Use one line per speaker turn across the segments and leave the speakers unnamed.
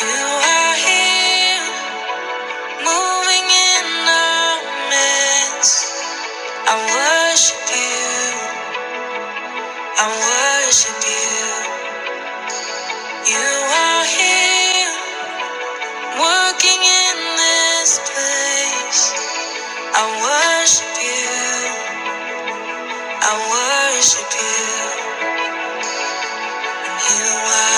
You are here, moving in our midst. I worship you. I worship you. You are here, working in this place. I worship you. I worship you. You are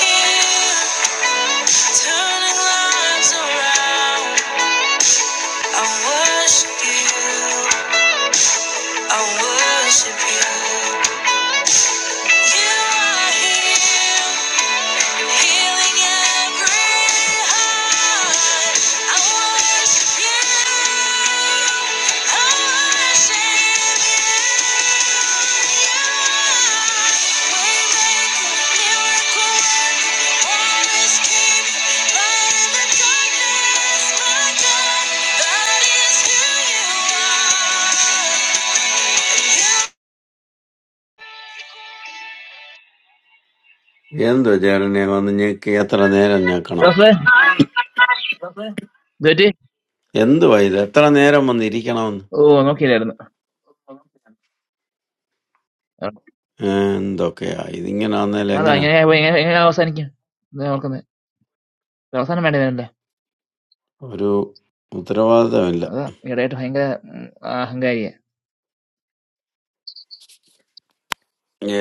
here, turning lives around. I worship you. I worship you. You are here. Healing every heart. I worship
എന്തോ ചേട്ടനെ വന്ന് ഞെക്കി എത്ര നേരം ഞെക്കണം
റഫേ ഇതേറ്റ്
എന്തുവാ ഇത് എത്ര നേരം വന്ന് ഇരിക്കണമെന്ന്
ഓ നോക്കിയില്ലായിരുന്നു
ഏ, എന്തൊക്കെയാ ഇതിങ്ങനാന്നേൽ
അത്
എങ്ങനാ
അങ്ങനെ എങ്ങനെ എങ്ങനെ അവസാനിക്കും ഓർക്കുന്നത്? അവസാനം വേണ്ടതല്ലേ.
ഒരു ഉത്തരവാദിത്തമില്ല
അത് ഇടയായിട്ട് ഭയങ്കര ഉം, അഹങ്കാരിയാ.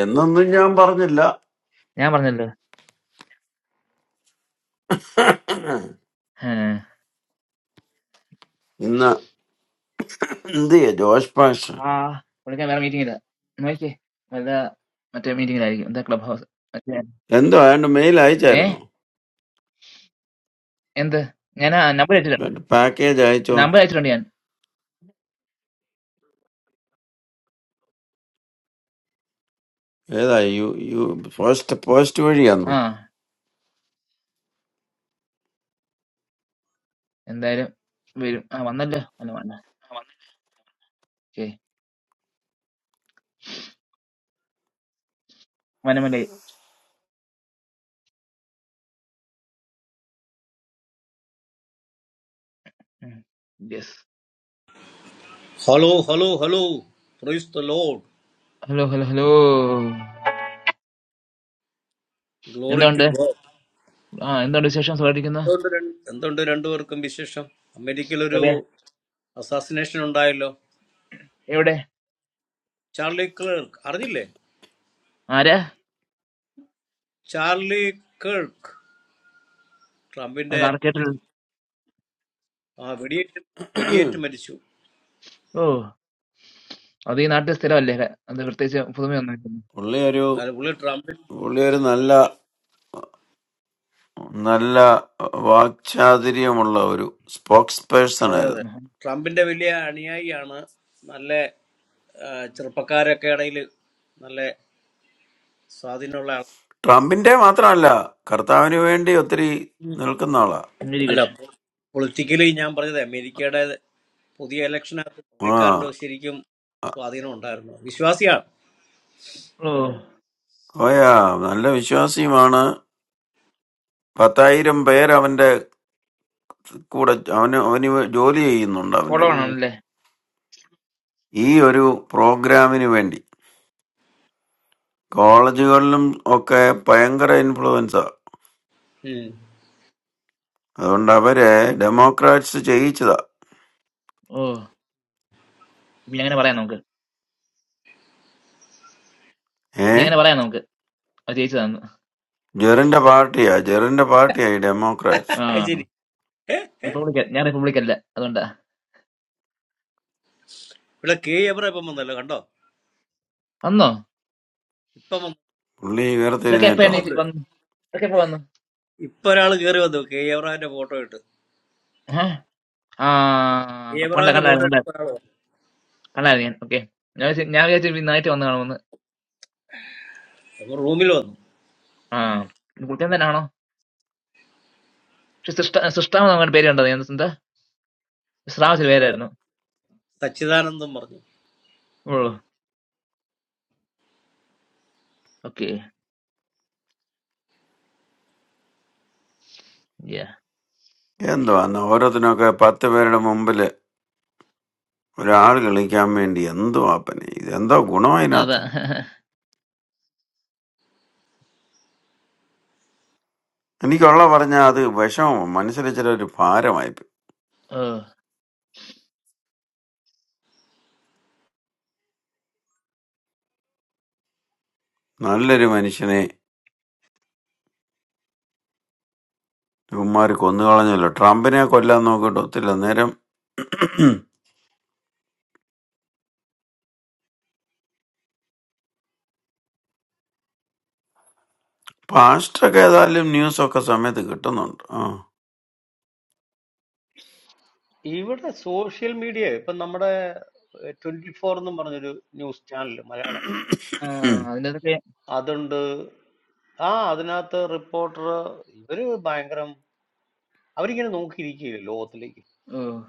എന്നൊന്നും ഞാൻ പറഞ്ഞില്ല
ഞാൻ പറഞ്ഞല്ലോ ഏഹ്.
ഇന്ന് എന്ത് ചെയ്യാ ജോഷ് പാഷ്
ആ പുള്ളിക്കാൻ വേറെ മീറ്റിംഗ് ഇല്ല നോക്കിയേ, വല്ല മറ്റേ മീറ്റിംഗിലായിരിക്കും. എന്താ ക്ലബ് ഹൗസ് മറ്റേ
എന്തോ അയാണ്ട് മെയിൽ
ഏ
അയച്ചായിരുന്നോ
എന്ത്? ഞാൻ നമ്പർ അയച്ചിട്ടുണ്ട്,
പാക്കേജ് അയച്ചോന്ന്
നമ്പർ അയച്ചിട്ടുണ്ട് ഞാൻ.
ഏതാ യു യു പോസ്റ്റ് പോസ്റ്റ് വഴിയാന്നോ
ആ എന്തായാലും വരും. ആ വന്നല്ലോ. അല്ല വന്ന ഓക്കെ വനമല്ലേ. Yes.
Hello, hello, hello! Praise the Lord.
Hello hello hello,
Glory to
എന്തുണ്ട്?
God.
ആ എന്തുണ്ട് വിശേഷം? സുഖമായിരിക്കുന്നു?
And another, another, another. One commission. A medical
Rabia
review. Assassination on dialo.
എവിടെ?
Charlie Kirk. Heard it, le?
ആരാ?
Charlie Kirk. Trumpin de.
അത് ആർക്കേട്ടിൽ.
Ah, videot. Videot made show.
ഓ അത് ഈ നാട്ടിൽ സ്ഥിരമല്ലേ? ക- അത് പ്രത്യേകിച്ച് പുതുമയൊന്നും ഇല്ലല്ലോ.
പുള്ളി ഒരു
I heard. Google it. Trumpin.
പുള്ളി ഒരു നല്ല നല്ല വാക്ചാതുര്യമുള്ള ഒരു സ്പോക്സ് പേഴ്സൺ
That
ആയിരുന്നു
that. Trumpin de. William Arniey. Anna. Nalle. Ah, chal pakarya kadaile. Nalle. Sadhino la.
Traminte matra nalla karthavini vendi yatri nilkan nalla.
Very
അല്ല
good.
Politically ഞാൻ പറഞ്ഞത് അമേരിക്കയുടെ പുതിയ ഇലക്ഷനകത്ത് പുള്ളിക്കാരന്റെ
Wow,
ശരിക്കും സ്വാധീനം ഉണ്ടായിരുന്നു വിശ്വാസിയാണ്
ഓ
hoya nalla vishwasi mana patai ram payara vande kuda amne ani v jolly e inondha vande
follow
kuda.
ഉം,
ആണല്ലേ?
Eiyoru programi vendi college gollum okay payangra influence a
ഉം.
vanda mere democrats chahi chida.
ഓ ഇനി അങ്ങനെ പറയാം നമുക്ക്, ഇനി
Hey,
അങ്ങനെ പറയാം നമുക്ക്. അത് ജയിച്ചു തന്നു.
jaran da party a jaran da party a democrats.
ആ
അത് ശരി ഏ, ഏ.
റിപ്പബ്ലിക്, ഞാൻ റിപ്പബ്ലിക് അല്ല, അതുകൊണ്ടാ.
ഇവിടെ കെ എബ്ര ഇപ്പം വന്നല്ലോ കണ്ടോ
വന്നോ?
ഇപ്പൊ വന്നു
Unlii ghar thei
ഇതൊക്കെ എപ്പോ
ഇപ്പൊ
neto.
എണീറ്റ്
വന്ന്
വന്നു? ഇതൊക്കെ എപ്പോ വന്നു?
ഇപ്പൊ ഒരാള് കേറി വന്നു കെ എബ്രഹാമിന്റെ ഫോട്ടോ ഇട്ട്
ഏഹ്? ആ
കെ
കണ്ട കണ്ട
എബ്രഹാമിന്റെ ഫോട്ടോ
കണ്ട
ഇട്ട് ഇപ്പൊ ഒരാള് വന്നു
കണ്ടായിരുന്നു ഞാൻ. ഓക്കെ, ഞാൻ വിചാരിച്ചു- ഞാൻ വിചാരിച്ചു ഇനി നന്നായിട്ട് വന്നു കാണുമെന്ന്.
അപ്പൊ റൂമിൽ വന്നു
ആ ഇത് കുറ്റം തന്നെ ആണോ? പക്ഷെ സൃഷ്ട സൃഷ്ടാവ് നമ്മുടെ പേര് കണ്ടത് ഞാൻ. എന്താ ശ്രാവസിന്
അതെ
പേരായിരുന്നു.
സച്ചിദാനന്ദം പറഞ്ഞു
ഓ okay,
Yendo anu oru thina kaya patti payara mumbile. ഒരാൾ കളിക്കാൻ വേണ്ടി എന്തോ ആപ്പനെ, ഇതെന്തോ ഗുണം
അതാ.
അതിനകത്ത്. എനിക്കുള്ള പറഞ്ഞാൽ അത് വിഷമോ, മനസ്സിലൊരു ഭാരമായിപ്പോയി.
ഓ
നല്ലൊരു മനുഷ്യനെ ഇവന്മാർ കൊന്നുകളഞ്ഞല്ലോ. ട്രംപിനെ കൊല്ലാൻ നോക്കിയിട്ട് ഒത്തില്ല നേരം. പാസ്റ്റൊക്കെ ഏതായാലും ന്യൂസൊക്കെ സമയത്ത് കിട്ടുന്നുണ്ട്. ആ
ഇവിടെ സോഷ്യൽ മീഡിയ ഇപ്പൊ നമ്മുടെ ട്വന്റി ഫോർ എന്നും പറഞ്ഞൊരു ന്യൂസ് ചാനൽ
അതിന്റെ
അതുണ്ട്. ആ അതിനകത്ത് റിപ്പോർട്ടർ ഇവര് ഭയങ്കരം അവരിങ്ങനെ നോക്കിയിരിക്കുകയല്ലേ ലോകത്തിലേക്ക്.
Oh,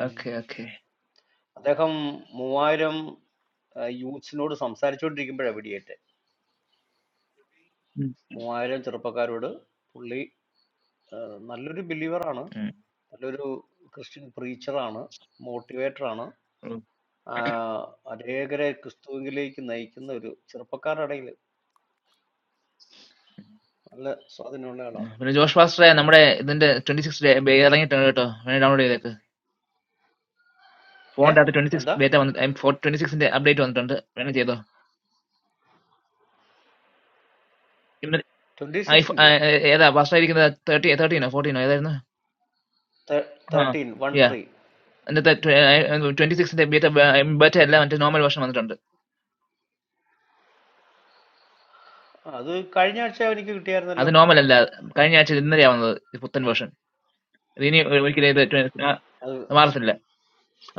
ഉം.
okay.
അദ്ദേഹം 3000 ആഹ് യൂത്ത്സിനോട് സംസാരിച്ചുകൊണ്ടിരിക്കുമ്പോഴാ വെടിയേറ്റെ.
Hmm,
3000 ചെറുപ്പക്കാരോട് പുള്ളി ആഹ് നല്ലൊരു ബിലീവറാണ്.
hmm.
നല്ലൊരു ക്രിസ്ത്യൻ പ്രീച്ചറാണ്. മോട്ടിവേറ്ററാണ്. ആഹ് അനേകരെ ക്രിസ്തുവിലേക്ക് നയിക്കുന്ന ഒരു ചെറുപ്പക്കാരുടെ ഇടയിൽ നല്ല സ്വാധീനമുള്ള ആളാണ്.
Because just past day, our today twenty-six day. Because I like download it. I download it. Found
uh
after twenty-six
എന്താ?
beta. I'm for twenty-six update. I'm done. I like this. I
26ന്റെയോ?
I I. This past day, like that thirty thirty no fourteen. I like no.
13
Yeah,
13
that twenty twenty-six day beta better. All of it normal version. I'm done.
ആ, അത് കഴിഞ്ഞ ആഴ്ച എനിക്ക് കിട്ടിയായിരുന്നല്ലോ
That normal all. Can I change? Today I'm done. The putten version. We need only like that twenty-six. No,
അത്
no more.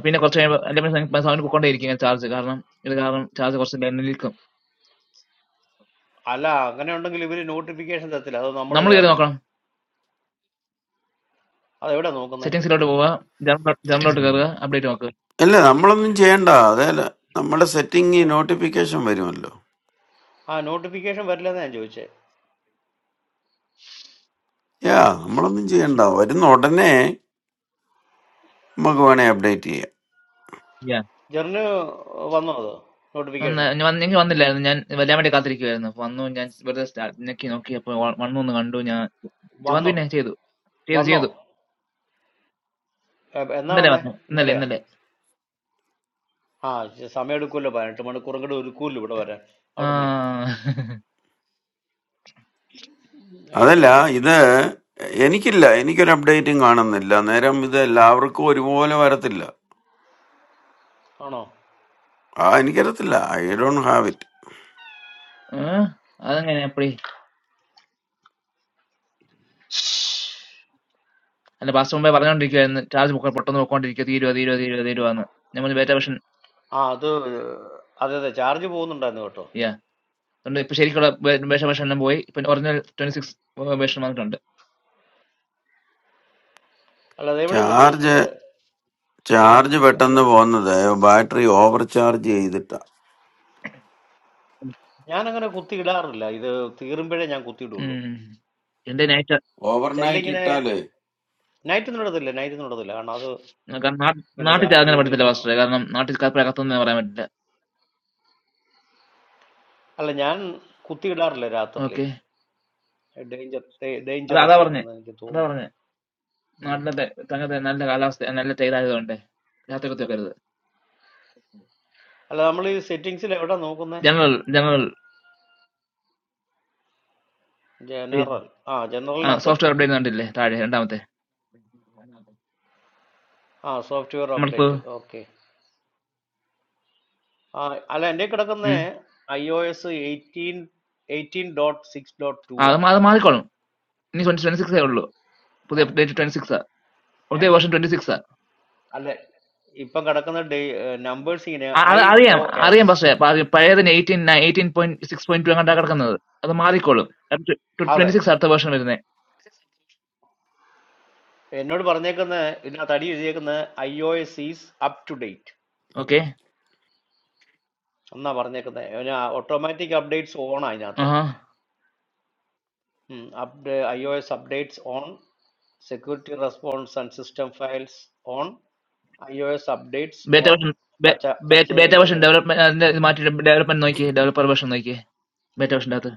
പിന്നെ കുറച്ച് കഴിയുമ്പോൾ എന്റെ പിന്നെ സൗണ്ട് പൊക്കോണ്ടേയിരിക്കും ചാർജ് കാരണം ഇത് കാരണം ചാർജ് കുറച്ച് ലേ- നിൽക്കും
അല്ല അങ്ങനെ ഉണ്ടെങ്കിൽ ഇവര് നോട്ടിഫിക്കേഷൻ തരത്തില്ല അത് നമ്മൾ
നമ്മൾ കയറി
കയറണോ
നോക്കണം
അതെവിടെയാ നോക്കുന്നേ
സെറ്റിംഗ്സിലോട്ട് പോവുക ജനറലോട്ട് ജനറലോട്ട് കയറുക അപ്ഡേറ്റ് നോക്കുക
അല്ലേ, നമ്മളൊന്നും ചെയ്യണ്ട. അതേ നമ്മുടെ സെറ്റിംഗ്
ഏ?
നോട്ടിഫിക്കേഷൻ വരുമല്ലോ.
ആ നോട്ടിഫിക്കേഷൻ വരില്ലെന്ന് ഞാൻ ചോദിച്ചേ
യാ, നമ്മളൊന്നും ചെയ്യണ്ട, വരുന്ന ഉടനെ നമുക്ക് വേണേൽ അപ്ഡേറ്റ് ചെയ്യാം.
യാ
ജെറിന് വന്നോ അത്
വന്ന്
നോട്ടിഫിക്കേഷൻ
ഞാൻ വന്ന് എനിക്ക് വന്നില്ലായിരുന്നു ഞാൻ വരാൻ വേണ്ടി കാത്തിരിക്കുവായിരുന്നു അപ്പൊ വന്നു ഞാൻ വെറുതെ സ്റ്റാ- ഞെക്കി നോക്കി അപ്പൊ വ- വന്നു ഒന്ന് കണ്ടു ഞാൻ വന്നു
വന്നോ
പിന്നെ ചെയ്തു ചെയ്തു
വന്നോ
ചെയ്തു
എ, എന്നാ
ഇന്നലെ
വന്നേ
വന്നു ഇന്നലെ
ഇന്നലെയാ
ഇന്നലെ
ആ ശ- സമയം എടുക്കുമല്ലോ പതിനെട്ട് മണിക്കൂറും കൂടെ ഒരുക്കൂല്ലോ ഇവിടെ വരാൻ
ആ
അവിടുന്ന് അതിന്റെ
അതല്ല
ആയിരിക്കും
ഇത് എനിക്കില്ല എനിക്കൊരു അപ്ഡേറ്റും കാണുന്നില്ല നേരം ഇത് എല്ലാവർക്കും ഒരുപോലെ വരത്തില്ല
ആണോ
ആ എനിക്കറിയത്തില്ല ഐ ഡോണ്ട് ഹാവ് ഇറ്റ്
ഏ? അതെങ്ങനെ അപ്പടി അല്ല പാസ്റ്റ് മുമ്പേ പറഞ്ഞോണ്ടിരിക്കുവായിരുന്നു ചാർജ് പൊക്ക- പൊട്ടൊന്ന് പൊക്കോണ്ടിരിക്കുക തീരുവ തീരുവ തീരുവ എന്ന് നമ്മൾ ബേറ്റ വെർഷൻ
ആ അത് അതെ അതെ ചാർജ് പോകുന്നുണ്ടായിരുന്നു കേട്ടോ
അതുകൊണ്ട് ഇപ്പൊ ശരിക്കുള്ള വേ- വേഷം വേഷം എല്ലാം പോയി ഇപ്പൊ ഒറിജിനൽ ട്വന്റി സിക്സ് വേഷം വന്നിട്ടുണ്ട്
അല്ലാതെ എവിടെ നമ്മൾ
ചാർജ് ചാർജ്
ചാർജ് അത്
പെട്ടെന്ന് പോകുന്നത് ബാറ്ററി ഓവർ ചാർജ് ചെയ്തിട്ടാ
ഞാൻ അങ്ങനെ കുത്തി ഇടാറില്ല ഇത് തീരുമ്പോഴേ ഞാൻ കുത്തി
ഉം. എന്റെ നേച്ചർ
ഓവർനൈറ്റ്
ചിലരിങ്ങനെ
ഇട്ടാലേ
നൈറ്റ് ഒന്നും ഇടത്തില്ല നൈറ്റ് ഒന്നും ഇടത്തില്ല കാരണം അത്
കാരണം നാ-
ഇങ്ങനെ
നാട്ടിൽ
ചാർജ്
അങ്ങനെ
ചെയ്ത്
പറ്റത്തില്ല
കഴിയുമ്പോൾ
പാസ്റ്റർ കാരണം നാട്ടിൽ കപ്പലകത്തൊന്നും പറയാൻ പറ്റില്ല
അല്ല ഞാൻ കുത്തിയിടാറില്ല രാത്രിയിൽ
ഓക്കെ
ഡേഞ്ചർ
അത് അതാ
ഡേഞ്ചറസ്
പറഞ്ഞേ
ആണെന്ന് എനിക്ക്
അതാ
തോന്നുന്നു
പറഞ്ഞേ
ഉം.
നാട്ടിലത്തെ തങ്ങത്തെ നല്ല കാലാവസ്ഥ നല്ല ചെയ്തായതുകൊണ്ട് രാത്രി കുത്തി വെക്കരുത്
അല്ല നമ്മൾ ഈ സെറ്റിങ്സിൽ എവിടെ നോക്കുന്നത്
ജനറൽ ജനറൽ
ജനറൽ ആ
ആ
ജനറലിനകത്ത്
സോഫ്റ്റ്വെയർ അപ്ഡേറ്റ് കണ്ടില്ലേ താഴെ രണ്ടാമത്തെ
ആ സോഫ്റ്റ്വെയർ
നമ്മളിപ്പോ
അപ്ഡേറ്റ് ഓക്കെ ആ അല്ല എൻ്റെ കിടക്കുന്ന
ഉം.
I O S eighteen eighteen dot six dot two
ആ, അത്
ആ
മാ- അത് മാറിക്കോളും ഇനി ട്വന്റി ട്വന്റി സിക്സേ ഉള്ളൂ പുതിയ അപ്ഡേറ്റ് ട്വന്റി സിക്സ്
ഏ?
പുതിയ വേർഷൻ ട്വന്റി സിക്സ്.
അല്ല ഇപ്പം കിടക്കുന്ന നമ്പേഴ്സ് ഇങ്ങനെ
അ- അത്
ഐ
അറിയാം
ഒ
അറിയാം
എസ്
പക്ഷേ പ- പഴയതിന് eighteen eighteen point six point two അങ്ങോട്ടാ കിടക്കുന്നത് അത് മാറിക്കോളും
അതെ
ട്വന്റി സിക്സ് അടുത്ത വേർഷൻ വരുന്നത്
Note: बरने करना है, इन्हें तारीख जेक ना iOS is up to date,
okay
हमना बरने करना है, याना automatic updates on आईना, अब the iOS updates on, security response and system files on, iOS updates
beta
on,
version
पच्चा पच्चे
ബേറ്റ
लेके
വേർഷൻ
गए करना,
ഡെവലപ്മെന്റ് മാറ്റി ഡെവലപ്മെന്റ് നോക്കി ഡെവലപ്പർ വേർഷൻ നോക്കി ബേറ്റ വേർഷൻ്റെ അകത്ത്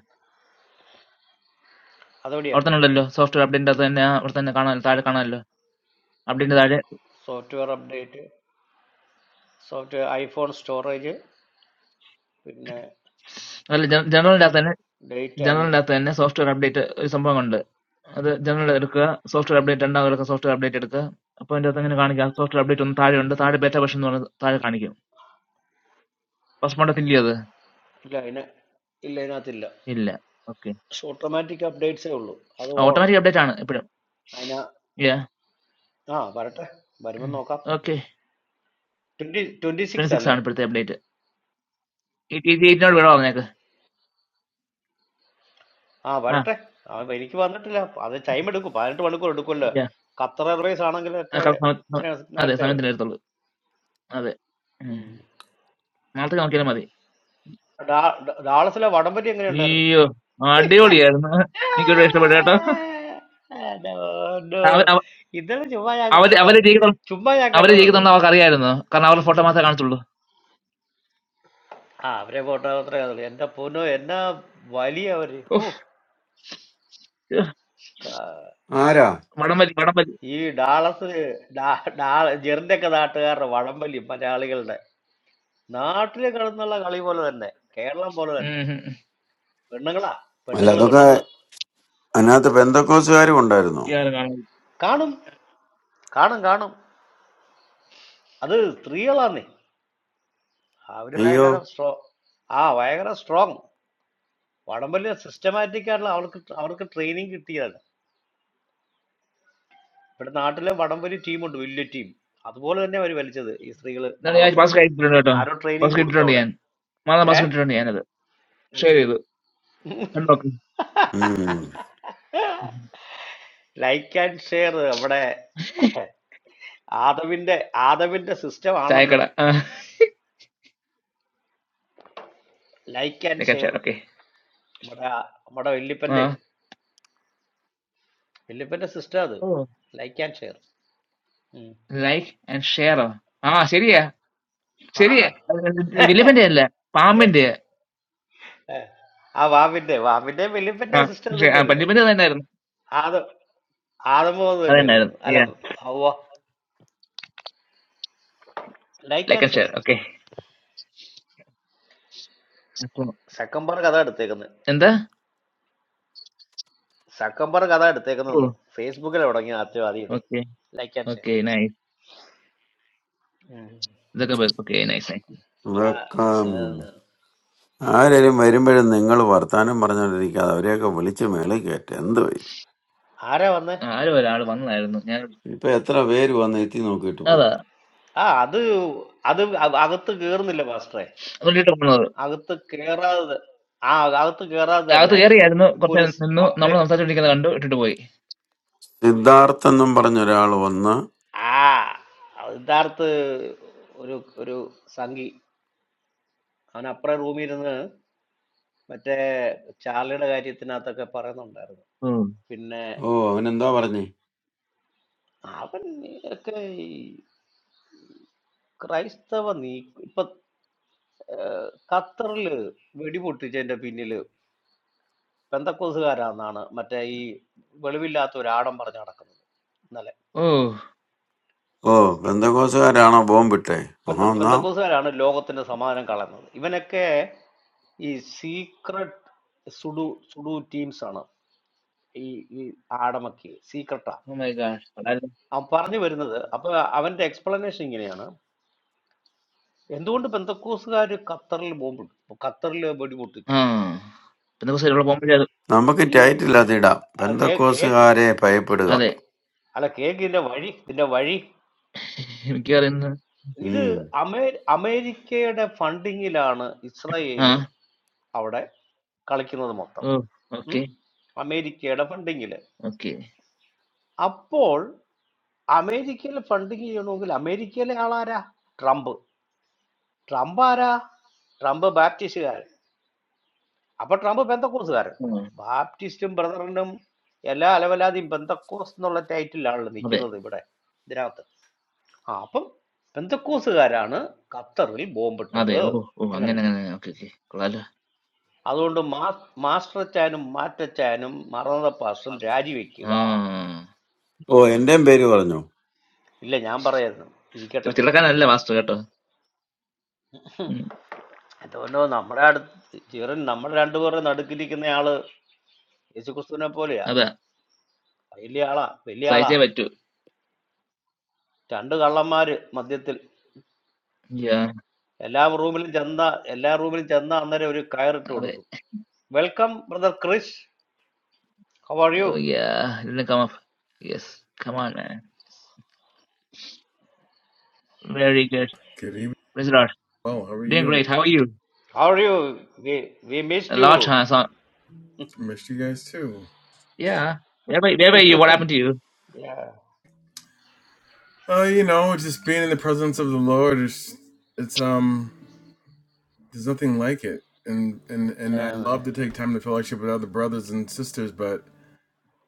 अदौडिया,
അവിടെ തന്നെ ഉണ്ടല്ലോ സോഫ്റ്റ്വെയർ അപ്ഡേറ്റിന്റെ അകത്ത് തന്നെ അവിടെ തന്നെ കാണാമല്ലോ താഴെ കാണാമല്ലോ അപ്ഡേറ്റ് താഴെ
software update, software iPhone storage, इन्हें
അല്ല ജനറലിന്റെ അകത്ത് തന്നെ
date and
ജനറലിന്റെ അകത്ത് തന്നെ സോഫ്റ്റ്വെയർ അപ്ഡേറ്റ് ഒരു സംഭവം ഉണ്ട് അത് ജനറൽ എടുക്കുക സോഫ്റ്റ്വെയർ അപ്ഡേറ്റ് രണ്ടാമത് എടുക്കുക, സോഫ്റ്റ്വെയർ അപ്ഡേറ്റ് എടുക്കുക അപ്പൊ അതിന്റെ അകത്ത് അങ്ങനെ കാണിക്കുക സോഫ്റ്റ്വെയർ അപ്ഡേറ്റ് ഒന്ന് താഴെ ഉണ്ട് താഴെ ബേറ്റ വേർഷൻ എന്ന് പറഞ്ഞ് താഴെ കാണിക്കും Passport of India.
इलाइना इलेना तिल्ला,
Illa. Okay.
so automatic updates है उल्लो,
Ah,
अदौड़न,
automatic update ആണ് എപ്പോഴും.
आईना
Yeah.
हाँ बरता, बरी मन्नो का
Okay.
Twenty twenty
twenty
six
six
അല്ലേ
ആണ് ഇപ്പോഴത്തെ update. It is eight not
okay
wrong.
ആ
ആ
വരട്ടെ ആ എനിക്ക് വന്നിട്ടില്ല അത് ടൈം എടുക്കും പതിനെട്ട് മണിക്കൂർ എടുക്കുമല്ലോ
ഇല്ല
ഖത്തർ എയർവേസ്
ആ,
ആണെങ്കിലൊക്കെ
correct സമയത്ത് സമ-
ഇച്ചിരി
അതെ
നേരത്തെ
സമയത്തിന്
വരും
എടുത്തുള്ളൂ. അതെ ഉം.
ഉം.
നാളത്തെ നോക്കിയാലും മതി.
ഡാ- ഡാ- ഡാളസിലെ വടംവലി എങ്ങനെ ഉണ്ടായിരുന്നു
അയ്യോ അടിപൊളിയായിരുന്നു. എനിക്കൊരു ഇഷ്ടപ്പെട്ടു കേട്ടോ. അവ- അവ-
ഇന്നലെ ചുമ്മാ ഞാൻ
അവര് അവര്
കണ്ടതാണ്
ജയിക്കുന്ന
ചുമ്മാ ഞാൻ
അവര്
കണ്ടതാണ്
ജയിക്കുന്നുണ്ട് അവർക്ക് അറിയായിരുന്നു. കാരണം അവരുടെ ഫോട്ടോ മാത്രമേ കാണത്തുള്ളൂ.
ആ അവരെ ഫോട്ടോത്ര എന്റെ പൊന്നോ എന്നാ വലിയ അവര് ഓ
ഉഫ്. ഉഹ്.
ആരാ
വടംവലി വടംവലി
ഈ ഡാളസ് ഡാ- ഡാ- ജെറിന്റെ ഒക്കെ നാട്ടുകാരുടെ വടംവലി മലയാളികളുടെ Naatle karunna la galile bolu ennai, Kerala bolu
ഉം
ennai.
ഉം ഉം.
Perungal a,
അല്ല
perungal a
അതൊക്കെ
perungal a.
അതിനകത്ത് ബന്ധക്കോസുകാരും ഉണ്ടായിരുന്നു
ഇയാള് കാണുന്നില്ല.
Kano? Kano kano? Adus three aani, abhiyaaga
അയ്യോ
karu strong, ah, abhiyaaga karu strong. Vadambalina system aathi karu ennai, auruk auruk training kitti ennai. Per naatle vadambali team or dwijili team, athu bolu ennai vari velichadu. Is three galu
എന്നാലും ഞാൻ
dalasa le,
bus കയറ്റിട്ടുണ്ട് കേട്ടോ.
aaror training
bus
gudu
കിട്ടിയിട്ടുണ്ട്
thoda
ഞാൻ. മാതാ
ennai.
Bus
Eh?
കിട്ടിയിട്ടുണ്ട് ഞാൻ. Share review. Okay.
ഉം.
Like and share, vada. Aadavindi, Aadavindi system annal
Chai
le.
kada. Uh,
Like like
they
and
can
share
share. Okay.
നമ്മുടെ നമ്മുടെ വല്യപ്പന്റെ
Uh,
വല്യപ്പന്റെ സിസ്റ്റർ അത്
oh.
Like and share
Like and share. ആ ശരിയാ
ആ
ശരിയാ വില്ലിപ്പന്റെ അല്ല പാമ്പിന്റെ.
ആ വാവിന്റെ വാവിന്റെ
ആ
വല്യപ്പന്റെ സിസ്റ്റർ
ശ- ആ,
തന്നെയല്ലേ
പല്ലിപ്പന്റെ തന്നെയായിരുന്നു.
ആദ ആദമോ അത് തന്നെയല്ലേ
അതന്നായിരുന്നു.
അല്ല അവ്വ. Like
like
and
and
share
share. Okay അപ്പൊ
സക്കംബർ കഥ എടുത്തേക്കുന്നത്
എന്താ?
സക്കംബർ കഥ
ഓ
എടുത്തേക്കുന്നെന്ന് ഫേസ്ബുക്കിൽ തുടങ്ങി ആദ്യം ആദ്യം ഇത്
okay
like and share
okay nice. ഇതൊക്കെ ഓക്കെ നൈസ് നൈസ്.
ഇതൊക്കെ ആരേലും വരുമ്പോഴും നിങ്ങൾ വർത്താനം പറഞ്ഞോണ്ടിരിക്കാതെ അവരെയൊക്കെ വിളിച്ച് മേളിൽ കയറ്റ എന്ത് വൈ
ആരാ വന്നേ
ആരോ ഒരാൾ വന്നതായിരുന്നു. ഞാൻ
ഇപ്പൊ എത്ര പേര് വന്ന് എത്തി നോക്കിയിട്ട് പോയി
അതാ
ആ അത് അത് അ- അകത്ത് കേറുന്നില്ല പാസ്റ്ററെ
ഇട്ടിട്ട് വന്നത്.
അകത്ത് കേറാതെ ത- ആ അകത്ത് കേറാതെ
അകത്ത്
തന്നെ
കയറിയായിരുന്നു.
ഇപ്പൊ
കുറച്ച്
ഒരു
നേരം നിന്നു.
അപ്ഡേ
നമ്മൾ സംസാരിച്ചോണ്ടിരിക്കുന്നത് കണ്ടു. ഇട്ടിട്ട് പോയി.
സിദ്ധാർത്ഥ് എന്നും പറഞ്ഞ ഒരാൾ വന്ന്
ആ സിദ്ധാർത്ഥ് ഒരു ഒരു സംഘി അവൻ അപ്പുറം റൂമിൽ ഇരുന്ന് മറ്റേ ചാർലിയുടെ കാര്യത്തിനകത്തൊക്കെ പറയുന്നുണ്ടായിരുന്നു
ഉം.
പിന്നെ
ഓ അവനെന്തോ പറഞ്ഞേ
അവൻ ഒക്കെ ഈ ക്രൈസ്തവ നീ ഇപ്പൊ ഏഹ്, ഖത്തറില് വെടിപൊട്ടിച്ചതിന്റെ പിന്നില് പെന്തക്കോസുകാരാന്നാണ് മറ്റേ ഈ വെളിവില്ലാത്ത ഒരു ആടം പറഞ്ഞു നടക്കുന്നത്
ഓ
ഓ ബന്ധക്കോസുകാരാണോ ബോംബിട്ടെ ഓ
പെന്ത
എന്നാ
പെന്തക്കോസുകാരാണ് ലോകത്തിന്റെ സമാധാനം കളയുന്നത് ഇവനൊക്കെ ഈ സീക്രട്ട് സുഡു സുഡു ടീംസ് ആണ് ഈ ഈ ആടമക്കി സീക്രട്ടാ
മൈ ഗാഡ്.
അവൻ പറഞ്ഞു വരുന്നത് അപ്പൊ അവന്റെ എക്സ്പ്ലനേഷൻ ഇങ്ങനെയാണ് എന്തുകൊണ്ട് പെന്തക്കോസുകാർ ഖത്തറിൽ ബോംബിട്ടു ഖത്തറിൽ
ആ
വെടിപൊട്ടിച്ചു
പിന്നെ ദിവസം ഇവിടെ പോകുമ്പോഴേ
നമുക്ക്
ഈ
ടൈറ്റിൽ അതിടാം
ആ, കേ- കേക്ക്
ബന്ധക്കോസുകാരെ
കേ-
ഭയപ്പെടുക
അതെ.
കേ- അല്ല കേക്ക് ഇതിന്റെ വഴി ഇതിന്റെ വഴി
മിക്കവാറുമിന്ന്
ഇത്
ഉം
അമേ അമേരിക്കയുടെ ഫണ്ടിങ്ങിലാണ്
ആ.
ഇസ്രായേല് അവിടെ കളിക്കുന്നത് മൊത്തം
ഓ! Okay.
Hmm, American funding, le.
Okay.
After American funding, you know, the American, le, all are Trump, Trump ara, Trump Baptist ara. After Trump, what kind of cost ara?
ആഹ്.
Baptist and brother, le, all all that kind of cost no loty ity land ni,
അതെ.
kila thei bata. Derao that. Ah, but what kind of cost ara? Ana, Katharoli bombatta
അതെ. ഓ!
the.
ഓ! അങ്ങനെ
Anganiyada.
അങ്ങനെ. Okay. Okay. കൊള്ളാല്ലോ.
Ado uno ma master chaynum, master chaynum, Maranasa pasam, Raji
ആ.
vikkiga.
ഓ എന്റെയും പേര് പറഞ്ഞു
Ille, jambara.
ഇത്
Thiska.
തിടുക്കനല്ല വാസ്തു കേട്ടോ. ഉം.
I don't know, Namrad, Jiran, Namradandur, and Adakiri in the Allah, Isukustuna Polia,
അതാ.
Iliala,
സഹിച്ചേ
Piliala,
പറ്റൂ.
Chandalamari, Maditil,
yeah.
Ella Rubil Janda, Ella Rubil Janda, and every Kair
അതെ.
Todu. Welcome, Brother Chris. How are
oh
you?
Yeah. ഇതിന് come up. Yes. come on man. Very good.
Good evening.
Praise the Lord.
Well, how are
Doing
you?
great. How are you?
How are you? We we missed
A lot
you.
has on.
Missed you guys too.
Yeah. Where were, where were you? What happened to you?
Yeah.
Uh, you know, just being in the presence of the Lord is it's um there's nothing like it. And and and I
Um,
love to take time to fellowship with other brothers and sisters, but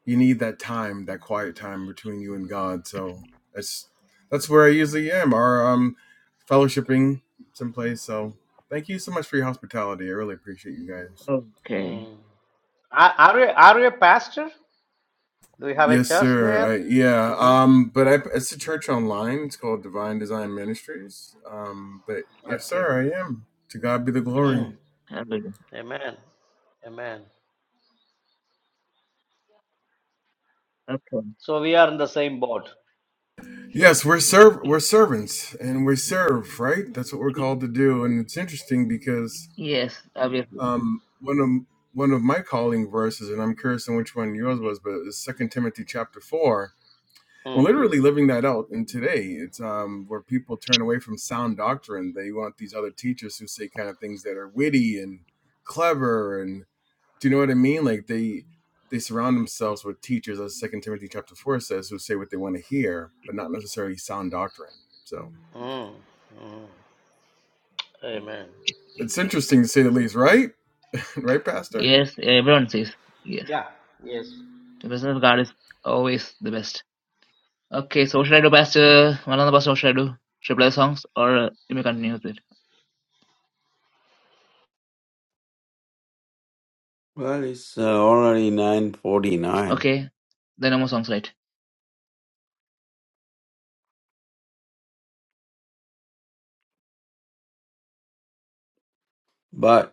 you need that time, that quiet time between you and God. So that's that's where I usually am, or um fellowshipping someplace. So thank you so much for your hospitality. I really appreciate you guys.
Okay.
mm. Are are you are you a pastor? Do you have a
Yes,
church
sir.
there
I, yeah.
to lead?
Um, but I, it's a church online. It's called Divine Design Ministries. Um, but yes,
Okay.
sir, I am. To God be the
Amen.
glory.
Mm.
Hallelujah.
Amen. Amen.
Okay.
So we are in the same boat.
Yes, we're serv we're servants and we serve, right? That's what we're called to do. And it's interesting because
Yes. Obviously.
um, one of one of my calling verses, and I'm curious on which one yours was, but it's Second Timothy chapter four I'm literally living that out. And today, it's um, where people turn away from sound doctrine. They want these other teachers who say kind of things that are witty and clever, and do you know what I mean? Like they they surround themselves with teachers, as Second Timothy chapter four says, who say what they want to hear, but not necessarily sound doctrine. So
Mm, mm. Amen.
it's interesting to say the least, right? right, Pastor.
Yes. Everyone says. yes.
Yeah, yes.
The business card is always the best. Okay, so what should I do, Pastor? One of the Pastor, what should I do? Should I play the songs or uh, you may continue with it?
Well, it's uh, already 9:49,
Okay, there are no more songs, right?
but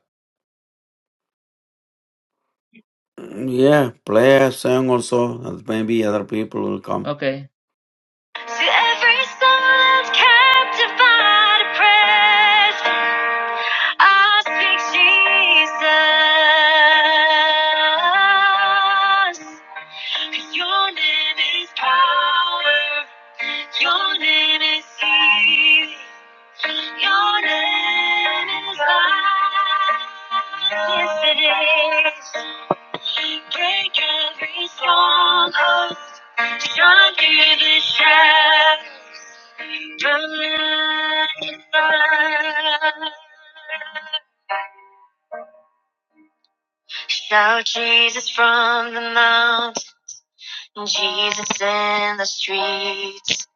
mm, yeah, play a song or so, and maybe other people will come.
Okay. See every soul that's captive by the presence. I speak Jesus. 'Cause your name is power. Your name is healing. Your name is light. Yes, Break every stronghold. Shine through the shadows. The light is bright. Shout Jesus from the mountain, Jesus in the streets,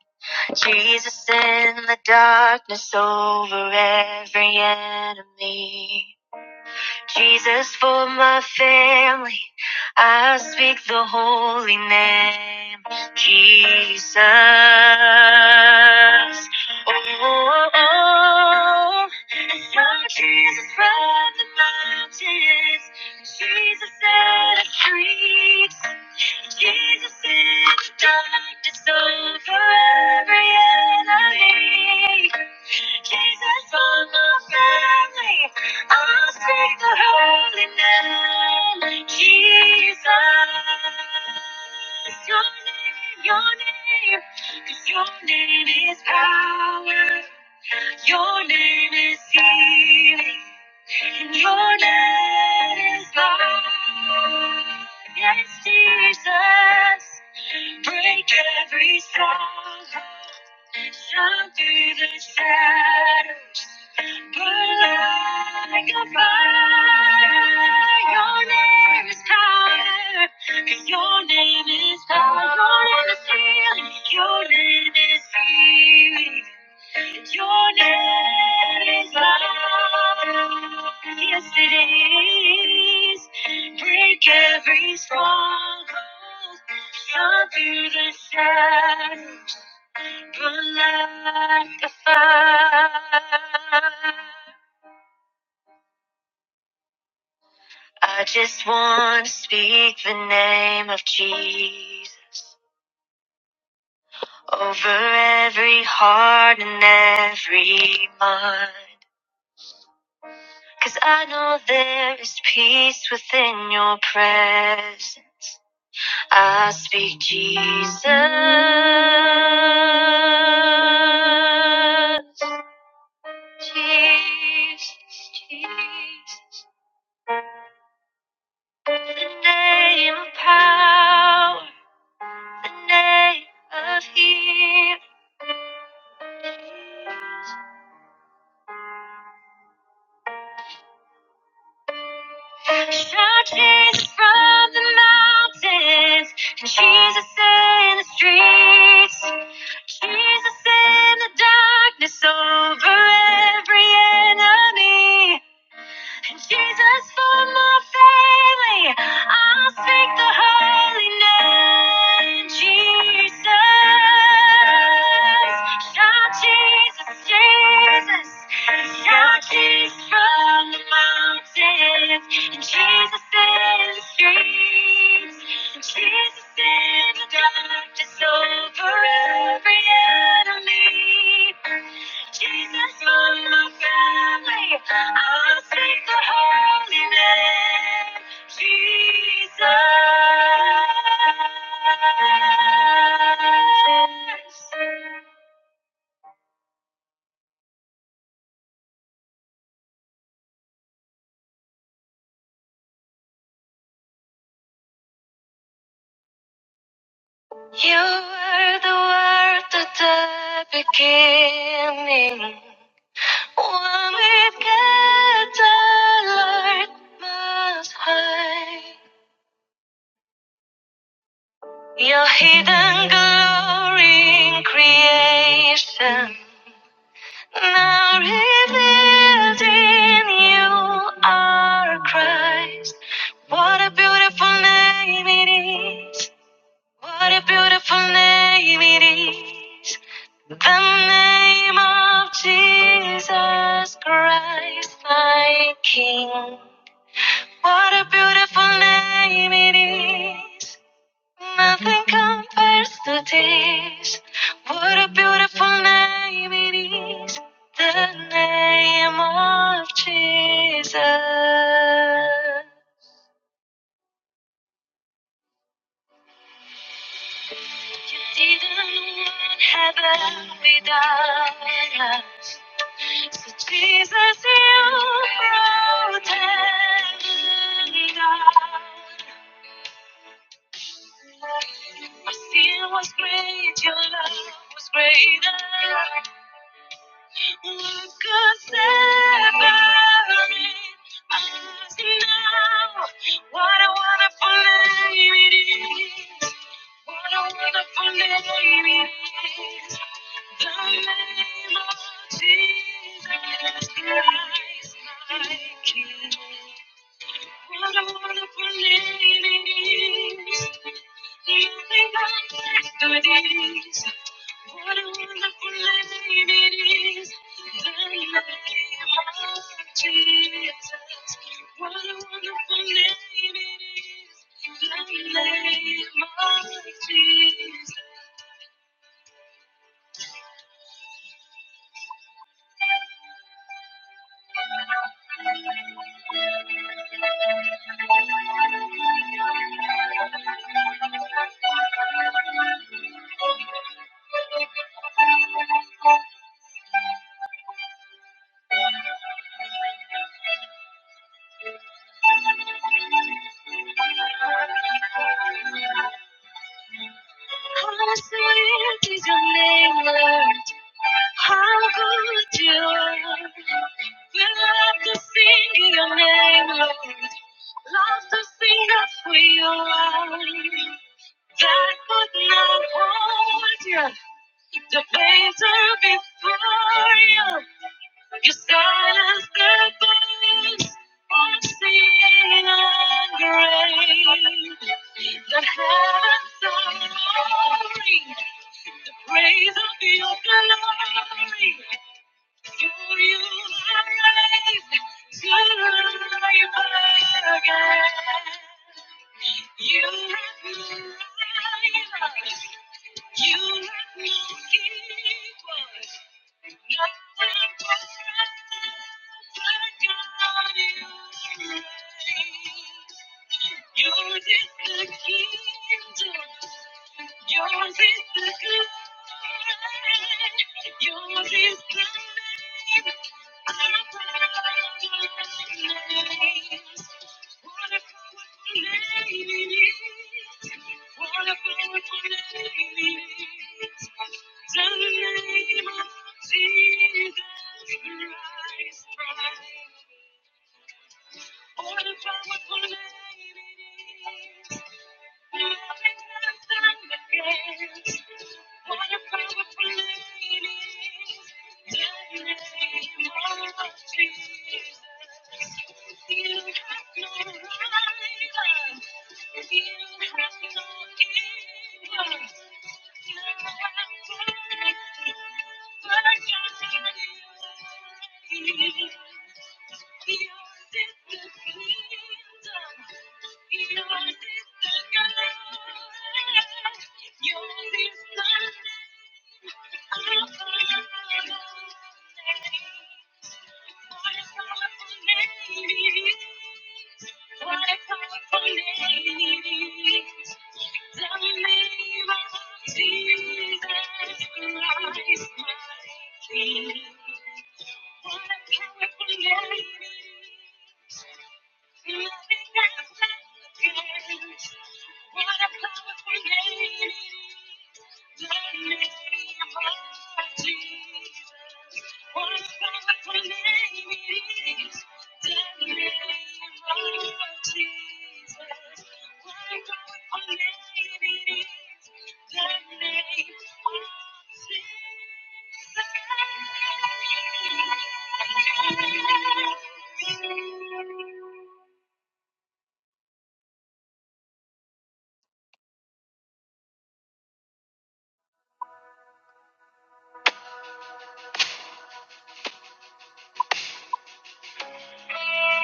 Jesus in the darkness over every enemy. Jesus, for my family, I speak the holy name, Jesus. Oh, oh, oh. I saw Jesus from the mountains, Jesus set us free. Jesus in the darkness over every enemy. Jesus for my family. I'll sing the holy name, of Jesus. Your name, your name, 'cause your name is power. Your name is healing, and your name is love. Yes, Jesus, break every stronghold, shine through the shadows. Burn like a fire. Your name is power. 'Cause your name is power. Your name is healing. Your name is healing. Your name is love. Yes, it is. Break every stronghold. Shine through the shadows. Burn like a fire. I just want to speak the name of Jesus over every heart and every mind. Cause I know there is peace within your presence. I speak Jesus. Jesus, Jesus. The name of power, the name of healing. Churches from the mountains, and Jesus in the streets, Jesus in the darkness over every enemy. And Jesus for my family, I'll speak the holy name. Jesus, shout Jesus, Jesus, shout Jesus from the mountains, and Jesus in the streets, and Jesus in the darkness over every enemy. Jesus on my family. I'll speak the holy name. Jesus. You were the word at the beginning. One with God, the Lord Most High. Your hidden glory in creation. Now revealed in you are Christ. What a beautiful name it is. What a beautiful name it is. The name of Jesus Christ, my King. What a beautiful name it is. Nothing compares to this. What a beautiful name it is. The name of Jesus. You didn't want heaven without us. So Jesus, you brought heaven down. My sin was great, your love was greater. What could separate us now? What a wonderful name it is. What a wonderful name it is. The name of Jesus Christ, my King. How sweet is your name, Lord. How good you are. We love to sing your name, Lord. Love to sing up for you that could not hold you. The painter before you, your silence, the voice unseen and great. The heavens are roaring, the praise of your glory. For you are raised to life again. You let me rise. You let me give us. Yours is the kingdom. Yours is the good. Yours is the the name of Jesus Christ. All the powerful ladies, nothing can stand against all the powerful ladies. The name of Jesus, you have no right, you have no evil. You have no power, but Jesus is the King. Yours is the kingdom. Yours is the glory. Yours is the name of my Lord. Yours is the name of my Lord. Thank you.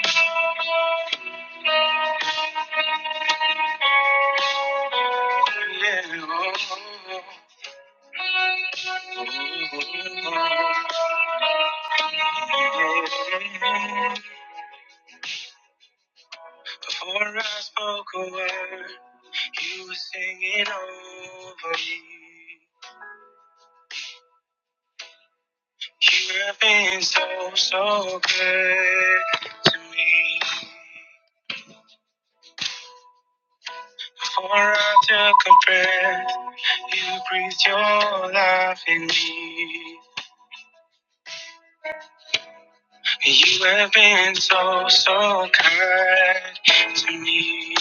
Before I spoke a word, you were singing over me. You have been so, so good to me. Before I took a breath, you breathed your life in me. You have been so, so kind to me.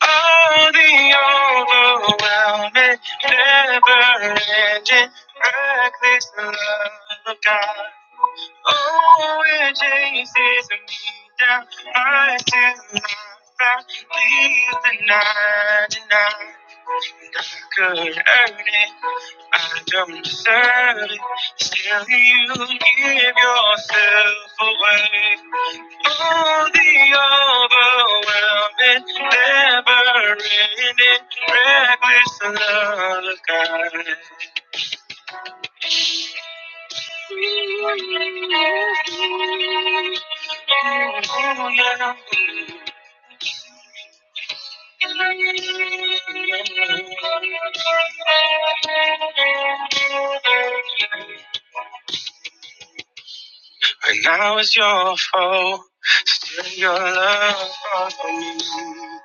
Oh, the overwhelming, never ending, reckless love of God. Oh, it chases me down, I still not found, leave the 99. Could earn it, I don't deserve it. Still, you give yourself away. Oh, the overwhelming, never-ending, reckless love of God. And now it's your fault, still your love for me.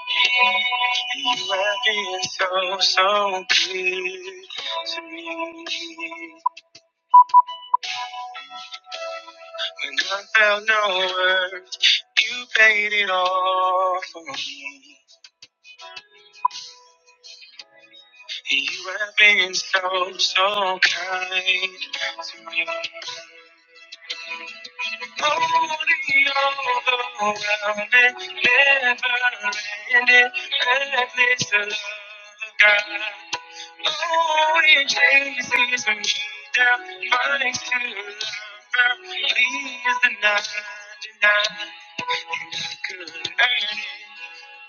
You have been so, so good to me. When I felt no worth, you paid it all for me. You have been so, so kind to me. all around it, never ended, endless love, of God. Oh, it it. it. chases me down, finds to love her, leaves the I I could earn it,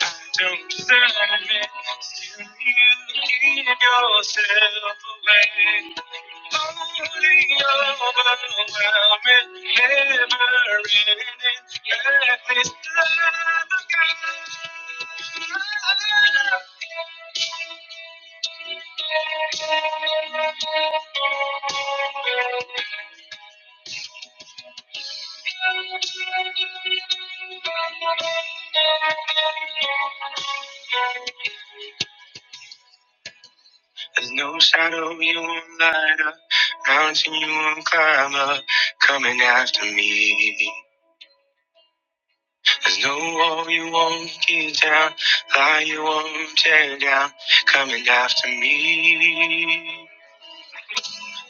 I don't deserve it. Still, you give Yourself away. There's no shadow you won't light up, mountain you won't climb up, coming after me. I no wall you won't get down, lie you won't tear down, coming after me.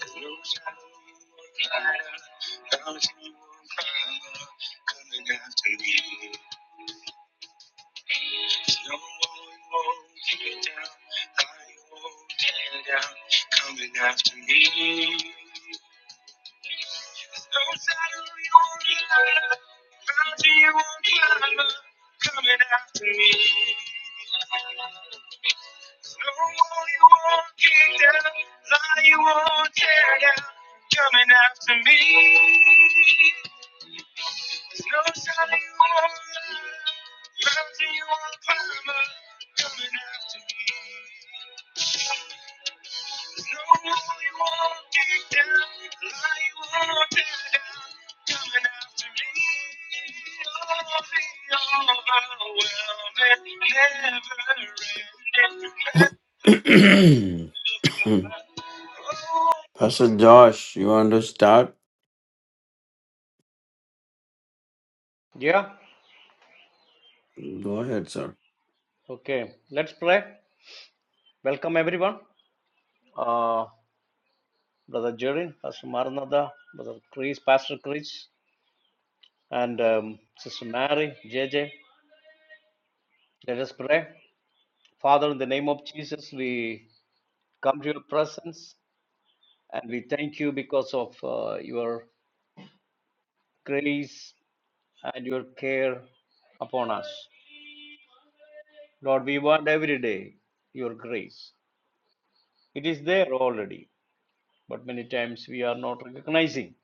There's no shadow you won't light up, mountain you won't climb up, coming after me. There's no wall you won't get down, lie you won't tear down, coming after me. Coming after me. No wall you won't kick down, lie you won't tear down. Coming after me. No time you won't lie, mountain you won't climb up. Coming after me.
Pastor Josh, you want to start?
Yeah.
Go ahead, sir.
Okay. Let's pray. Welcome everyone. Uh, Brother Jerry, Pastor Maranatha, Brother Chris, Pastor Chris, and um, Sister Mary, JJ. Let us pray. Father, in the name of Jesus, we come to your presence and we thank you because of uh, your grace and your care upon us. Lord, we want every day your grace. It is there already. but many times we are not recognizing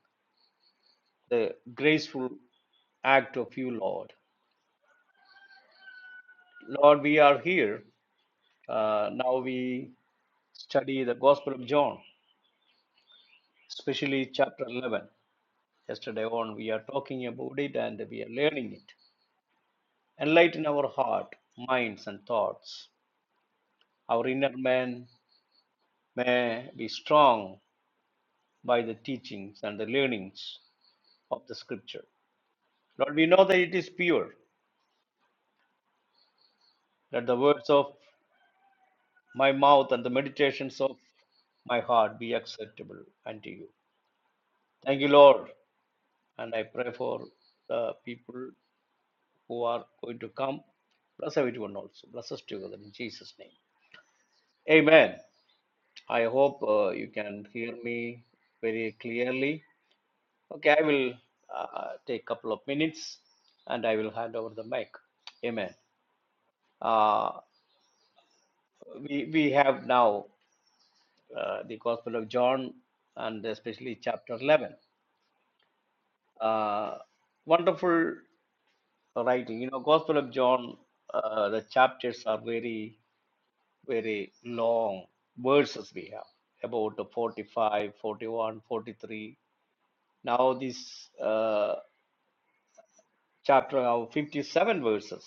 the graceful act of you, Lord. Lord, we are here. Uh, now we study the Gospel of John, especially chapter 11. Yesterday on, we are talking about it and we are learning it. Enlighten our heart, minds, and thoughts. Our inner man may be strong by the teachings and the learnings of the Scripture. Lord, we know that it is pure, that the words of my mouth and the meditations of my heart be acceptable unto you. Thank you, Lord. And I pray for the people who are going to come. Bless everyone also. Bless us together in Jesus' name. Amen. I hope uh, you can hear me very clearly. Okay, I will uh, take a couple of minutes and I will hand over the mic. Amen. Uh, we, we have now uh, the Gospel of John and especially chapter 11. uh, wonderful writing. You know, Gospel of John, uh, the chapters are very, very long verses we have about the 45, 41, 43. Now this uh, chapter have 57 verses.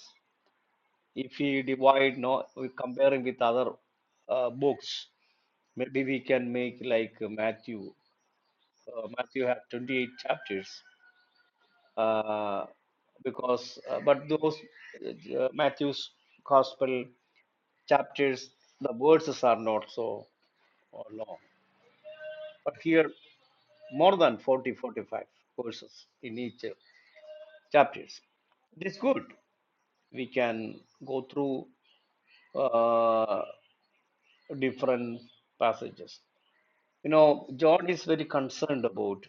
If we divide, no, we comparing with other uh, books, maybe we can make like Matthew. Uh, Matthew have 28 chapters uh, because uh, but those uh, uh, Matthew's gospel chapters the verses are not so uh, long but here more than 40, 45 verses in each uh, chapters it is good we can go through uh, different passages you know John is very concerned about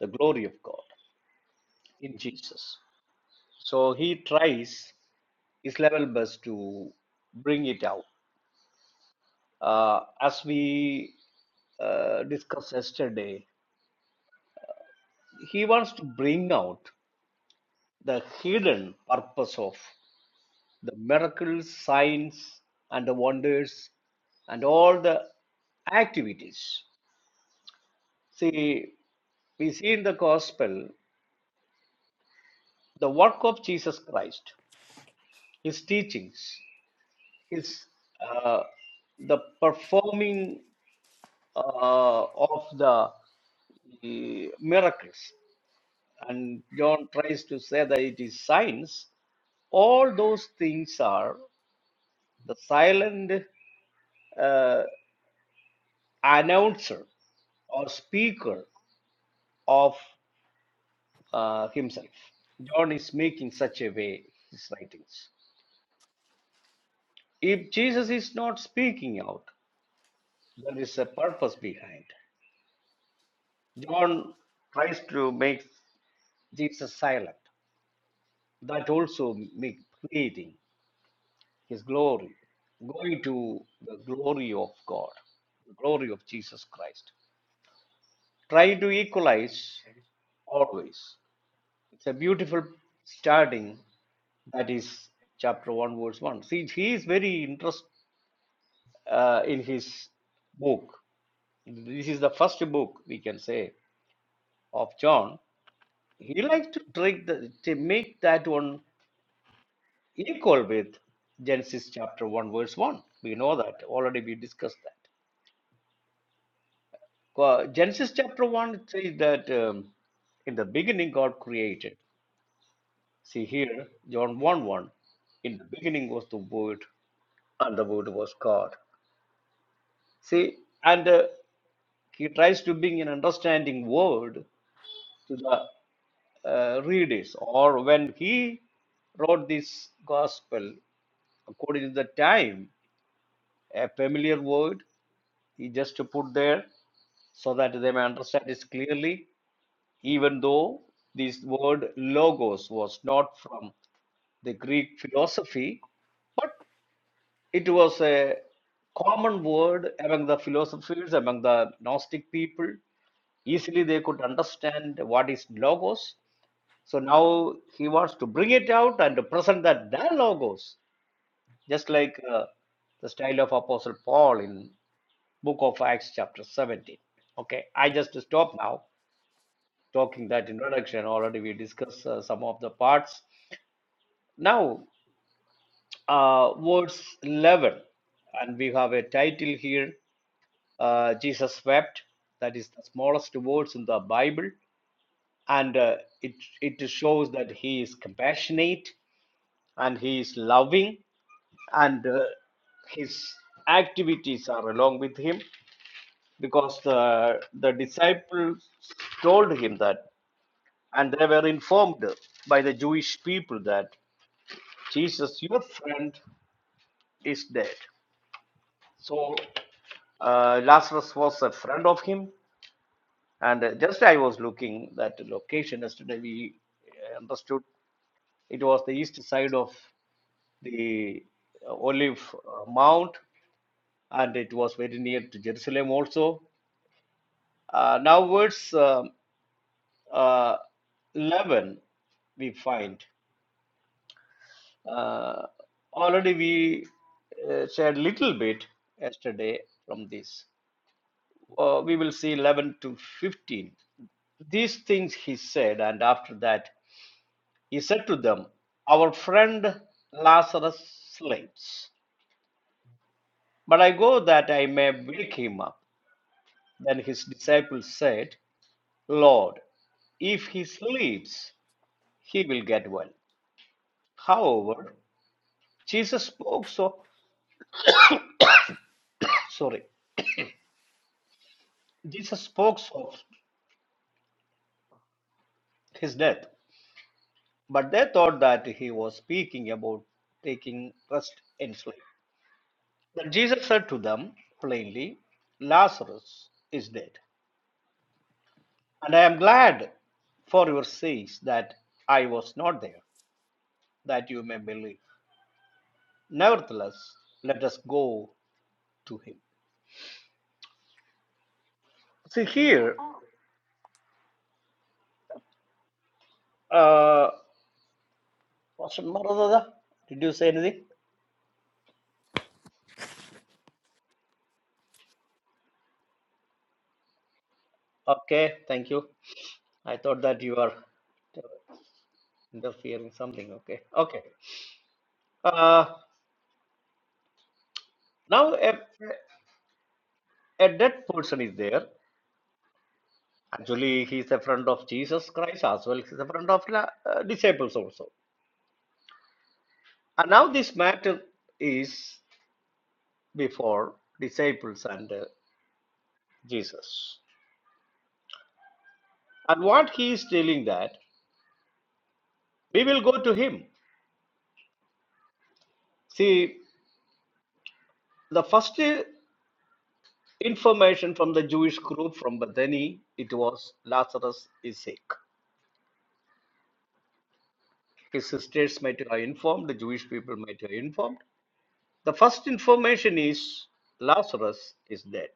the glory of God in Jesus so he tries is level best to bring it out. Uh, as we uh, discussed yesterday, he wants to bring out the hidden purpose of the miracles, signs, and the wonders, and all the activities. See, we see in the gospel the work of Jesus Christ, his teachings, his uh, the performing uh, of the uh, miracles and john tries to say that it is science all those things are the silent uh, announcer or speaker of uh, himself john is making such a way his writings if jesus is not speaking out there is a purpose behind john tries to make jesus silent that also make creating his glory, going to the glory of God, the glory of Jesus Christ. Try to equalize always. It's a beautiful starting. That is chapter 1, verse 1. See, he is very interested uh, in his book. This is the first book, we can say, of John. He likes to, take the, to make that one equal with Genesis chapter 1, verse 1. We know that. Already we discussed that. Genesis chapter 1 says that um, in the beginning God created. See here, John 1 1. In the beginning was the Word, and the Word was God. See, and uh, he tries to bring an understanding word to the uh, readers or when he wrote this gospel according to the time a familiar word He just put there so that they may understand this clearly, even though this word logos was not from the Greek philosophy, but it was a common word among the philosophers, among the Gnostic people. Easily they could understand what is logos. So now he wants to bring it out and to present that the logos, just like uh, the style of Apostle Paul in book of Acts, chapter 17. Okay, I just stop now talking that introduction. Already we discussed uh, some of the parts. Now, uh, verse 11, and we have a title here uh, Jesus wept. That is the smallest words in the Bible, and uh, it, it shows that he is compassionate and he is loving and uh, his activities are along with him because the, the disciples told him that, and they were informed by the Jewish people that Jesus, your friend, is dead. So uh, Lazarus was a friend of him, and uh, just I was looking that location yesterday. We uh, understood it was the east side of the uh, Olive uh, Mount, and it was very near to Jerusalem also. Uh, now, words. um, uh, 11 we find uh, already we uh, shared little bit yesterday from this uh, we will see 11 to 15 these things he said and after that he said to them our friend lazarus sleeps but i go that i may wake him up then his disciples said lord if he sleeps he will get well however Jesus spoke so sorry. Jesus spoke of his death, but they thought that he was speaking about taking rest in sleep. Then Jesus said to them plainly, Lazarus is dead, and I am glad for your sakes that I was not there, that you may believe. Nevertheless, let us go to him. See here, uh, Pastor Maranatha, did you say anything? Okay, thank you. I thought that you are interfering something. Okay. Okay. Uh, now a, a dead person is there. Actually, he is a friend of Jesus Christ as well. He's a friend of the uh, disciples also. And now this matter is before disciples and uh, Jesus. And what he is telling that we will go to him. See, the first uh, information from the Jewish group from Bethany, it was Lazarus is sick. his sisters might have informed, the Jewish people might have informed. The first information is Lazarus is dead.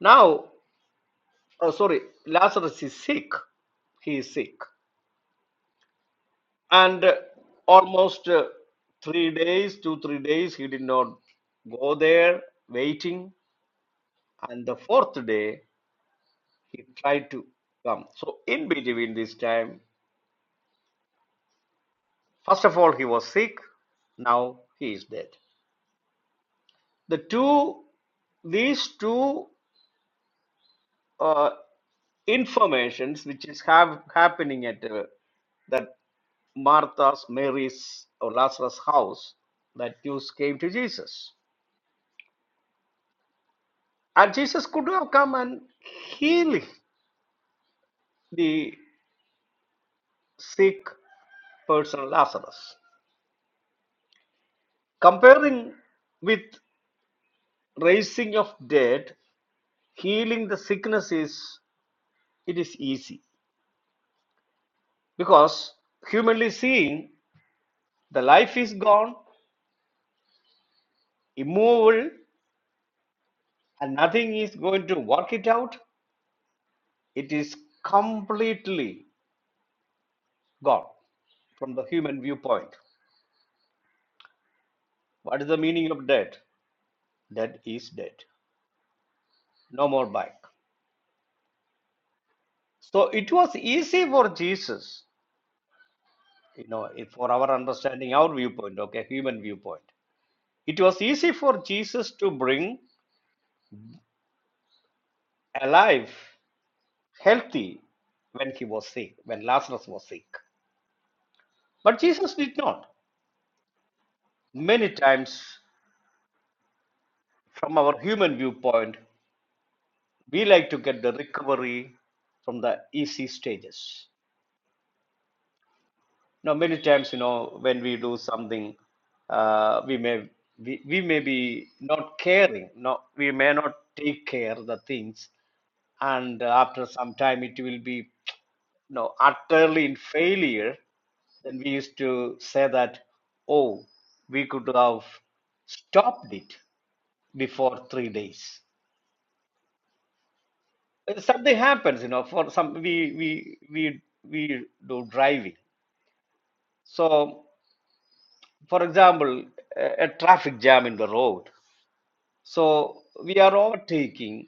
Now, oh, sorry, Lazarus is sick. He is sick. And uh, almost uh, three days, two, three days, he did not go there, waiting. And the fourth day, he tried to come. So, in between this time, first of all, he was sick now he is dead the two these two uh, informations which is have happening at uh, that Martha's, Mary's, or Lazarus' house that Jews came to Jesus. And Jesus could have come and heal the sick person Lazarus. Comparing with raising of dead, healing the sickness is it is easy because humanly seeing the life is gone, immovable, and nothing is going to work it out. It is completely gone from the human viewpoint. What is the meaning of death? Death is dead. No more back. So it was easy for Jesus, you know, for our understanding, our viewpoint, okay, human viewpoint. It was easy for Jesus to bring alive, healthy when he was sick, when Lazarus was sick. But Jesus did not. Many times, from our human viewpoint, we like to get the recovery from the easy stages. Now, many times, you know, when we do something, uh, we may we, we may be not caring. No, we may not take care of the things, and uh, after some time, it will be you know utterly in failure. Then we used to say that, oh, we could have stopped it before three days something happens you know for some we we we we do driving so for example a, a traffic jam in the road so we are overtaking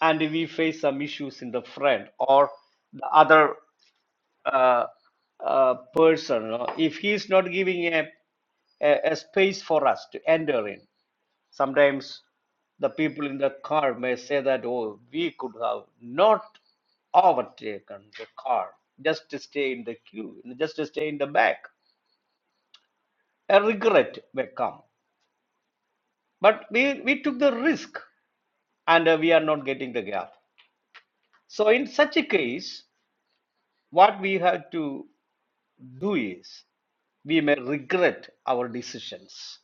and we face some issues in the front or the other uh, uh, person. you know, If he is not giving a, a, a space for us to enter in, sometimes the people in the car may say that, oh, we could have not overtaken the car, just to stay in the queue, just to stay in the back. A regret may come. But we, we took the risk and uh, we are not getting the gap. So in such a case, what we have to do is we may regret our decisions.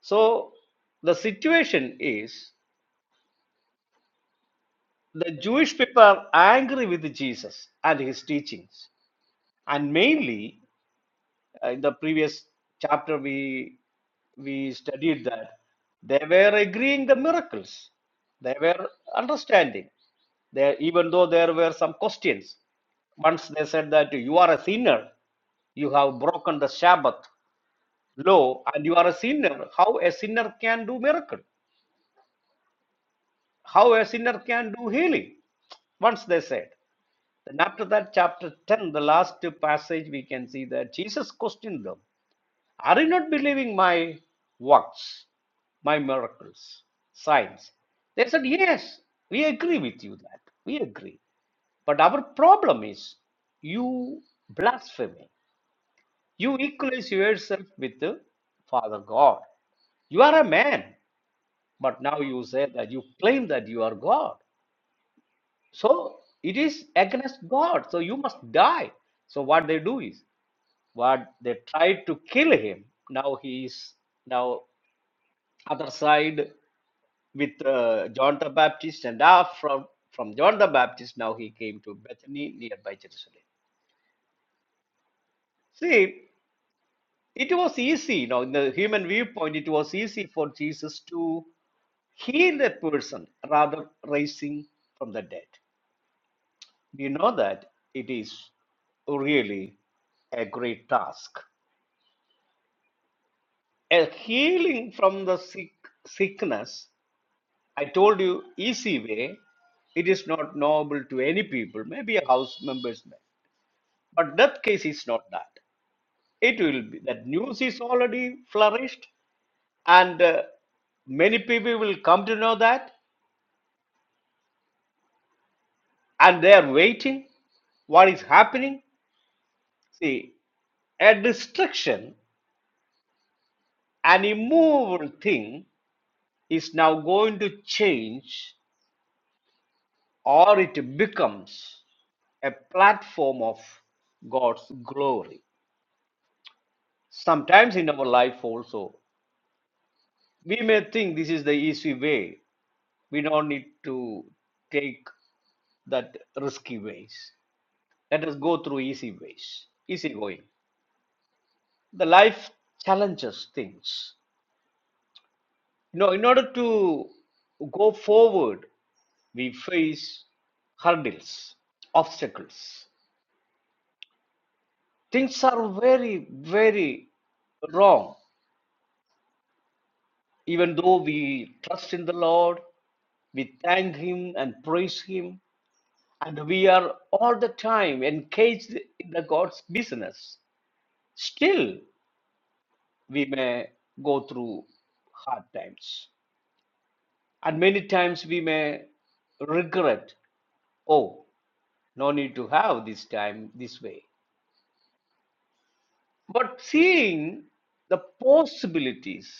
So the situation is the Jewish people are angry with Jesus and his teachings, and mainly Uh, in the previous chapter, we we studied that they were agreeing the miracles. They were understanding. They, even though there were some questions. Once they said that you are a sinner, you have broken the Sabbath law, and you are a sinner. How a sinner can do miracle? How a sinner can do healing? Once they said. Then after that, chapter 10, the last passage, we can see that Jesus questioned them. Are you not believing my works, my miracles, signs? They said, Yes, we agree with you that. We agree. But our problem is you blasphemy. You equalize yourself with the Father God. You are a man, but now you say that you claim that you are God. So it is against God. So you must die. So what they do is what they tried to kill him. Now he is now other side with uh, John the Baptist, and after from, from John the Baptist, now he came to Bethany nearby Jerusalem. See, it was easy, you know, in the human viewpoint, it was easy for Jesus to heal that person rather raising from the dead. You know that it is really a great task. A healing from the sick sickness I told you easy way. It is not knowable to any people, maybe a house members may. But that case is not that. It will be that news is already flourished, and uh, many people will come to know that, and they are waiting. What is happening? See, a destruction, an immovable thing, is now going to change, or it becomes a platform of God's glory. sometimes in our life also we may think this is the easy way we don't need to take that risky ways let us go through easy ways easy going the life challenges things you know in order to go forward we face hurdles obstacles things are very very wrong even though we trust in the lord we thank him and praise him and we are all the time engaged in the God's business. Still, we may go through hard times, and many times we may regret, oh, no need to have this time this way. But seeing the possibilities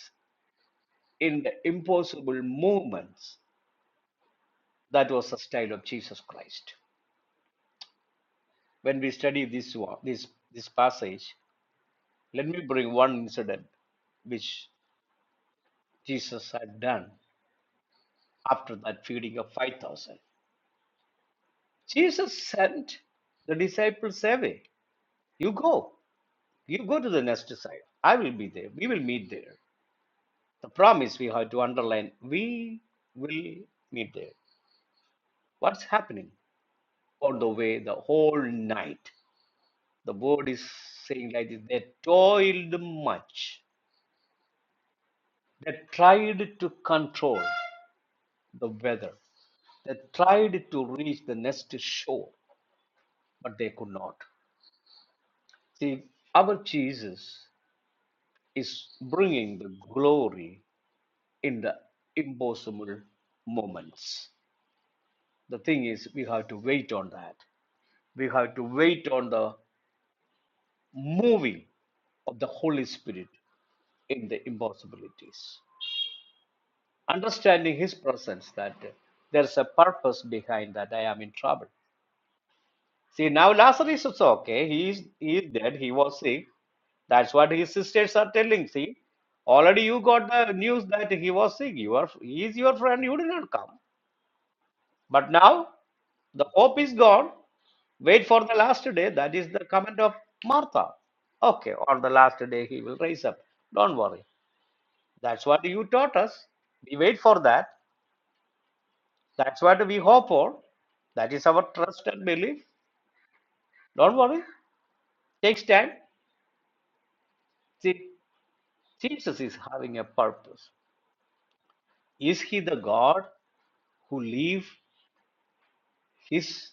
in the impossible movements, that was the style of Jesus Christ. When we study this one, this this passage, let me bring one incident which Jesus had done after that feeding of 5,000. Jesus sent the disciples away. You go. You go to the next side. I will be there. We will meet there. The promise we have to underline we will meet there. What's happening? On the way, the whole night, the word is saying like this they toiled much, they tried to control the weather. They tried to reach the next shore, but they could not. See, our Jesus is bringing the glory in the impossible moments. The thing is, we have to wait on that. We have to wait on the moving of the Holy Spirit in the impossibilities. Understanding His presence, that there's a purpose behind that I am in trouble. See, now Lazarus is okay. He is, he is dead. He was sick. That's what his sisters are telling. See, already you got the news that he was sick. You are, he is your friend. You did not come. But now the hope is gone. Wait for the last day. That is the comment of Martha. Okay, on the last day he will rise up. Don't worry. That's what you taught us. We wait for that. That's what we hope for. That is our trust and belief. Don't worry. Takes time. See, Jesus is having a purpose. Is he the God who leave his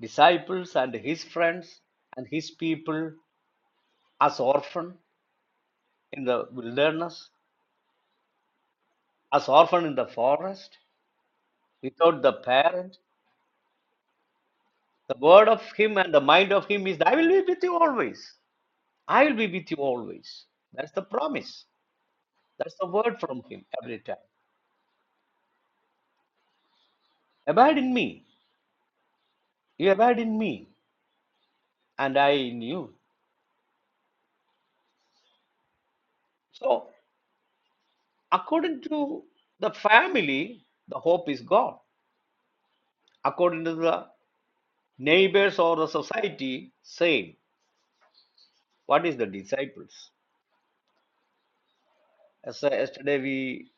disciples and his friends and his people as orphan in the wilderness, as orphan in the forest, without the parent? The word of him and the mind of him is, I will be with you always. I will be with you always. That's the promise. That's the word from him every time. Abide in me. You abide in me, and I in you. So According to the family, the hope is God. According to the neighbors or the society, same. What is the disciples? As uh, yesterday we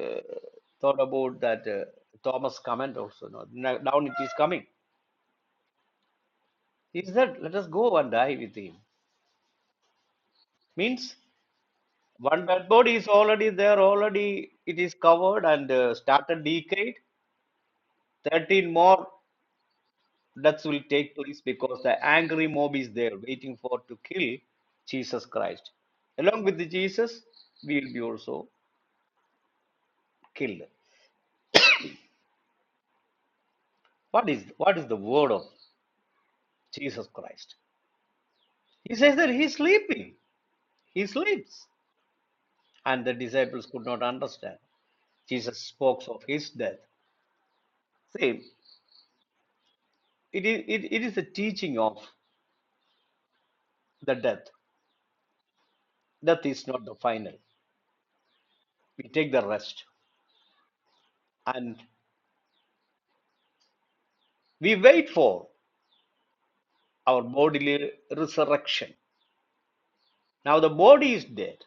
uh, thought about that uh, Thomas comment also. No, now now it is coming. He said, "Let us go and die with him." Means one dead body is already there. Already it is covered and uh, started decayed. Thirteen more. deaths will take place because the angry mob is there waiting for to kill Jesus Christ. Along with Jesus, we will be also killed. What is what is the word of Jesus Christ? He says that he's sleeping. He sleeps. And the disciples could not understand. Jesus spoke of his death. Same. It is it, it is a teaching of the death. Death is not the final. We take the rest and we wait for our bodily resurrection Now the body is dead,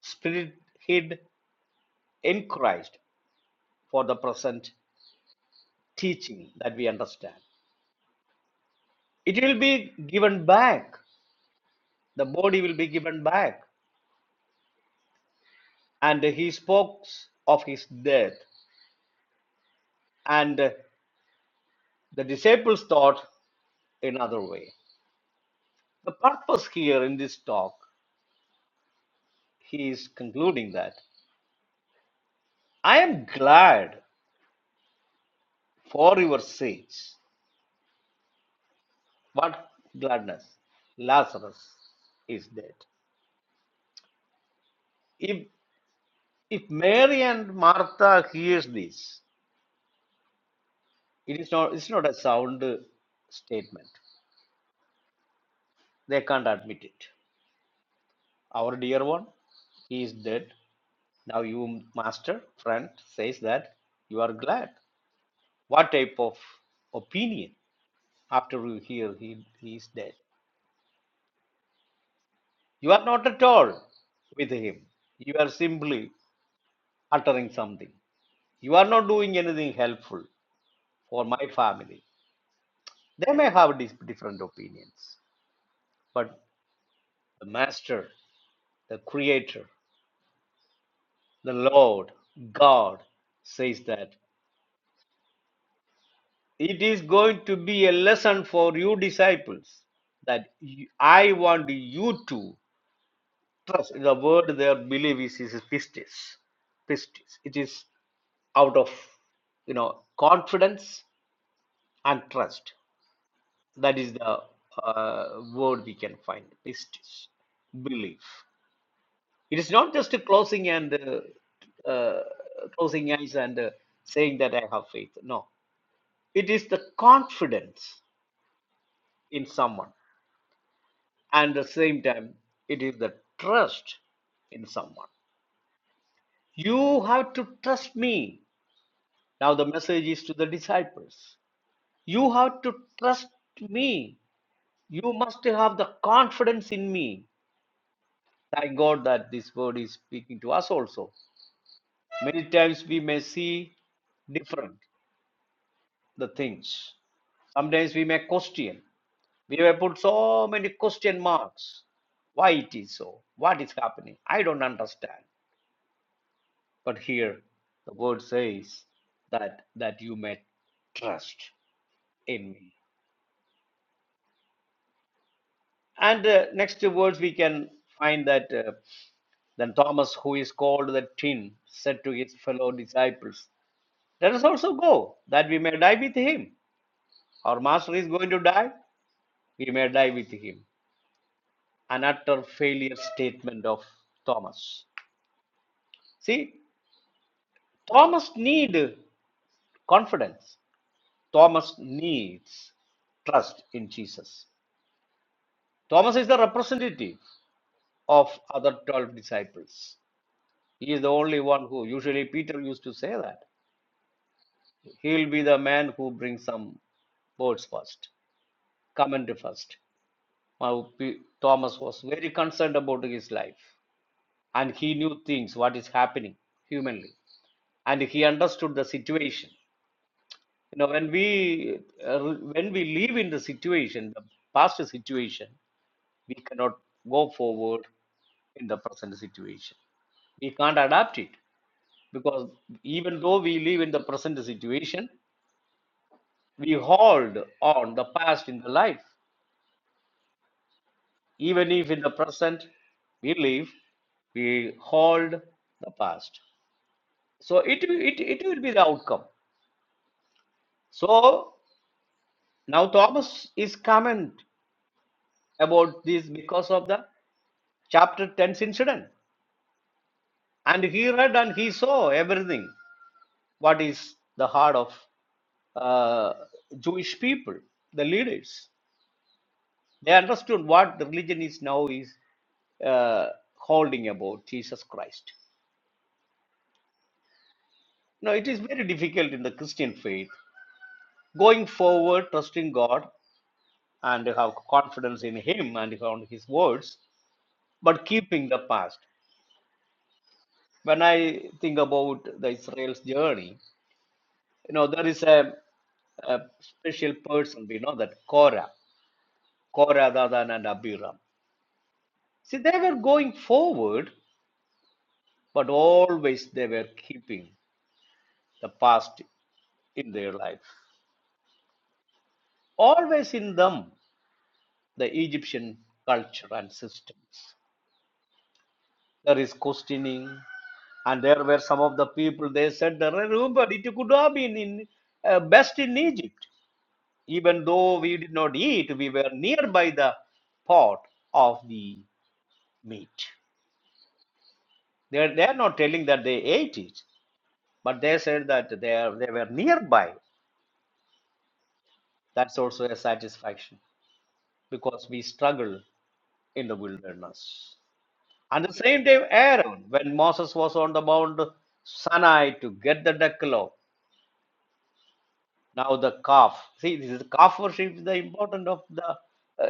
spirit hid in Christ for the present teaching that we understand. It will be given back. The body will be given back. And he spoke of his death. And the disciples thought another way. The purpose here in this talk, he is concluding that I am glad for your sakes. What gladness! Lazarus is dead. If If Mary and Martha hears this, it is not it's not a sound statement. They can't admit it. Our dear one, he is dead. Now you master, friend, says that you are glad. What type of opinion after you hear he, he is dead? You are not at all with him. You are simply uttering something. You are not doing anything helpful for my family. They may have dis- different opinions, but The Master, the Creator, the Lord, God says that it is going to be a lesson for you disciples that I want you to trust. The word there believe is, is pistis. Pistis. It is out of you know confidence and trust. That is the uh, word we can find. Pistis, belief. It is not just closing and uh, uh, closing eyes and uh, saying that I have faith. No, it is the confidence in someone, and at the same time, it is the trust in someone. You have to trust me. Now the message is to the disciples. You have to trust me. You must have the confidence in me. Thank God that this word is speaking to us also. Many times we may see different. the things. Sometimes we may question. We may put so many question marks. Why it is so? What is happening? I don't understand. But here the word says that that you may trust in me. And uh, next words we can find that uh, then Thomas, who is called the Tin, said to his fellow disciples, "Let us also go, that we may die with him. Our master is going to die. We may die with him." an utter failure statement of Thomas. See, Thomas need confidence. Thomas needs trust in Jesus. Thomas is the representative of other 12 disciples. He is the only one who, usually Peter used to say that. He will be the man who brings some boats first, comment first. Now, Thomas was very concerned about his life and he knew things, what is happening humanly, and he understood the situation. You know, when we uh, when we live in the situation, the past situation, we cannot go forward in the present situation. We can't adapt it because even though we live in the present situation, we hold on the past in the life. Even if in the present we live, we hold the past. So it, it, it will be the outcome. So now Thomas is comment about this because of the chapter 10's incident. And he read and he saw everything. What is the heart of uh, Jewish people, the leaders? They understood what the religion is now is uh, holding about Jesus Christ. Now it is very difficult in the Christian faith going forward, trusting God and have confidence in Him and on His words, but keeping the past. When I think about the Israel's journey, You know, there is a, a special person, we know that Korah, Korah, Dadan, and Abiram. See, they were going forward, but always they were keeping the past in their life. Always in them, the Egyptian culture and systems. There is questioning, and there were some of the people, they said, remember, it could have been in, uh, best in Egypt. Even though we did not eat, we were nearby the pot of the meat. They're, they're not telling that they ate it, but they said that they, are, they were nearby. That's also a satisfaction because we struggle in the wilderness. And the same day, Aaron, when Moses was on the Mount Sinai to get the Decalogue, now the calf. See, this is calf worship is the important of the uh,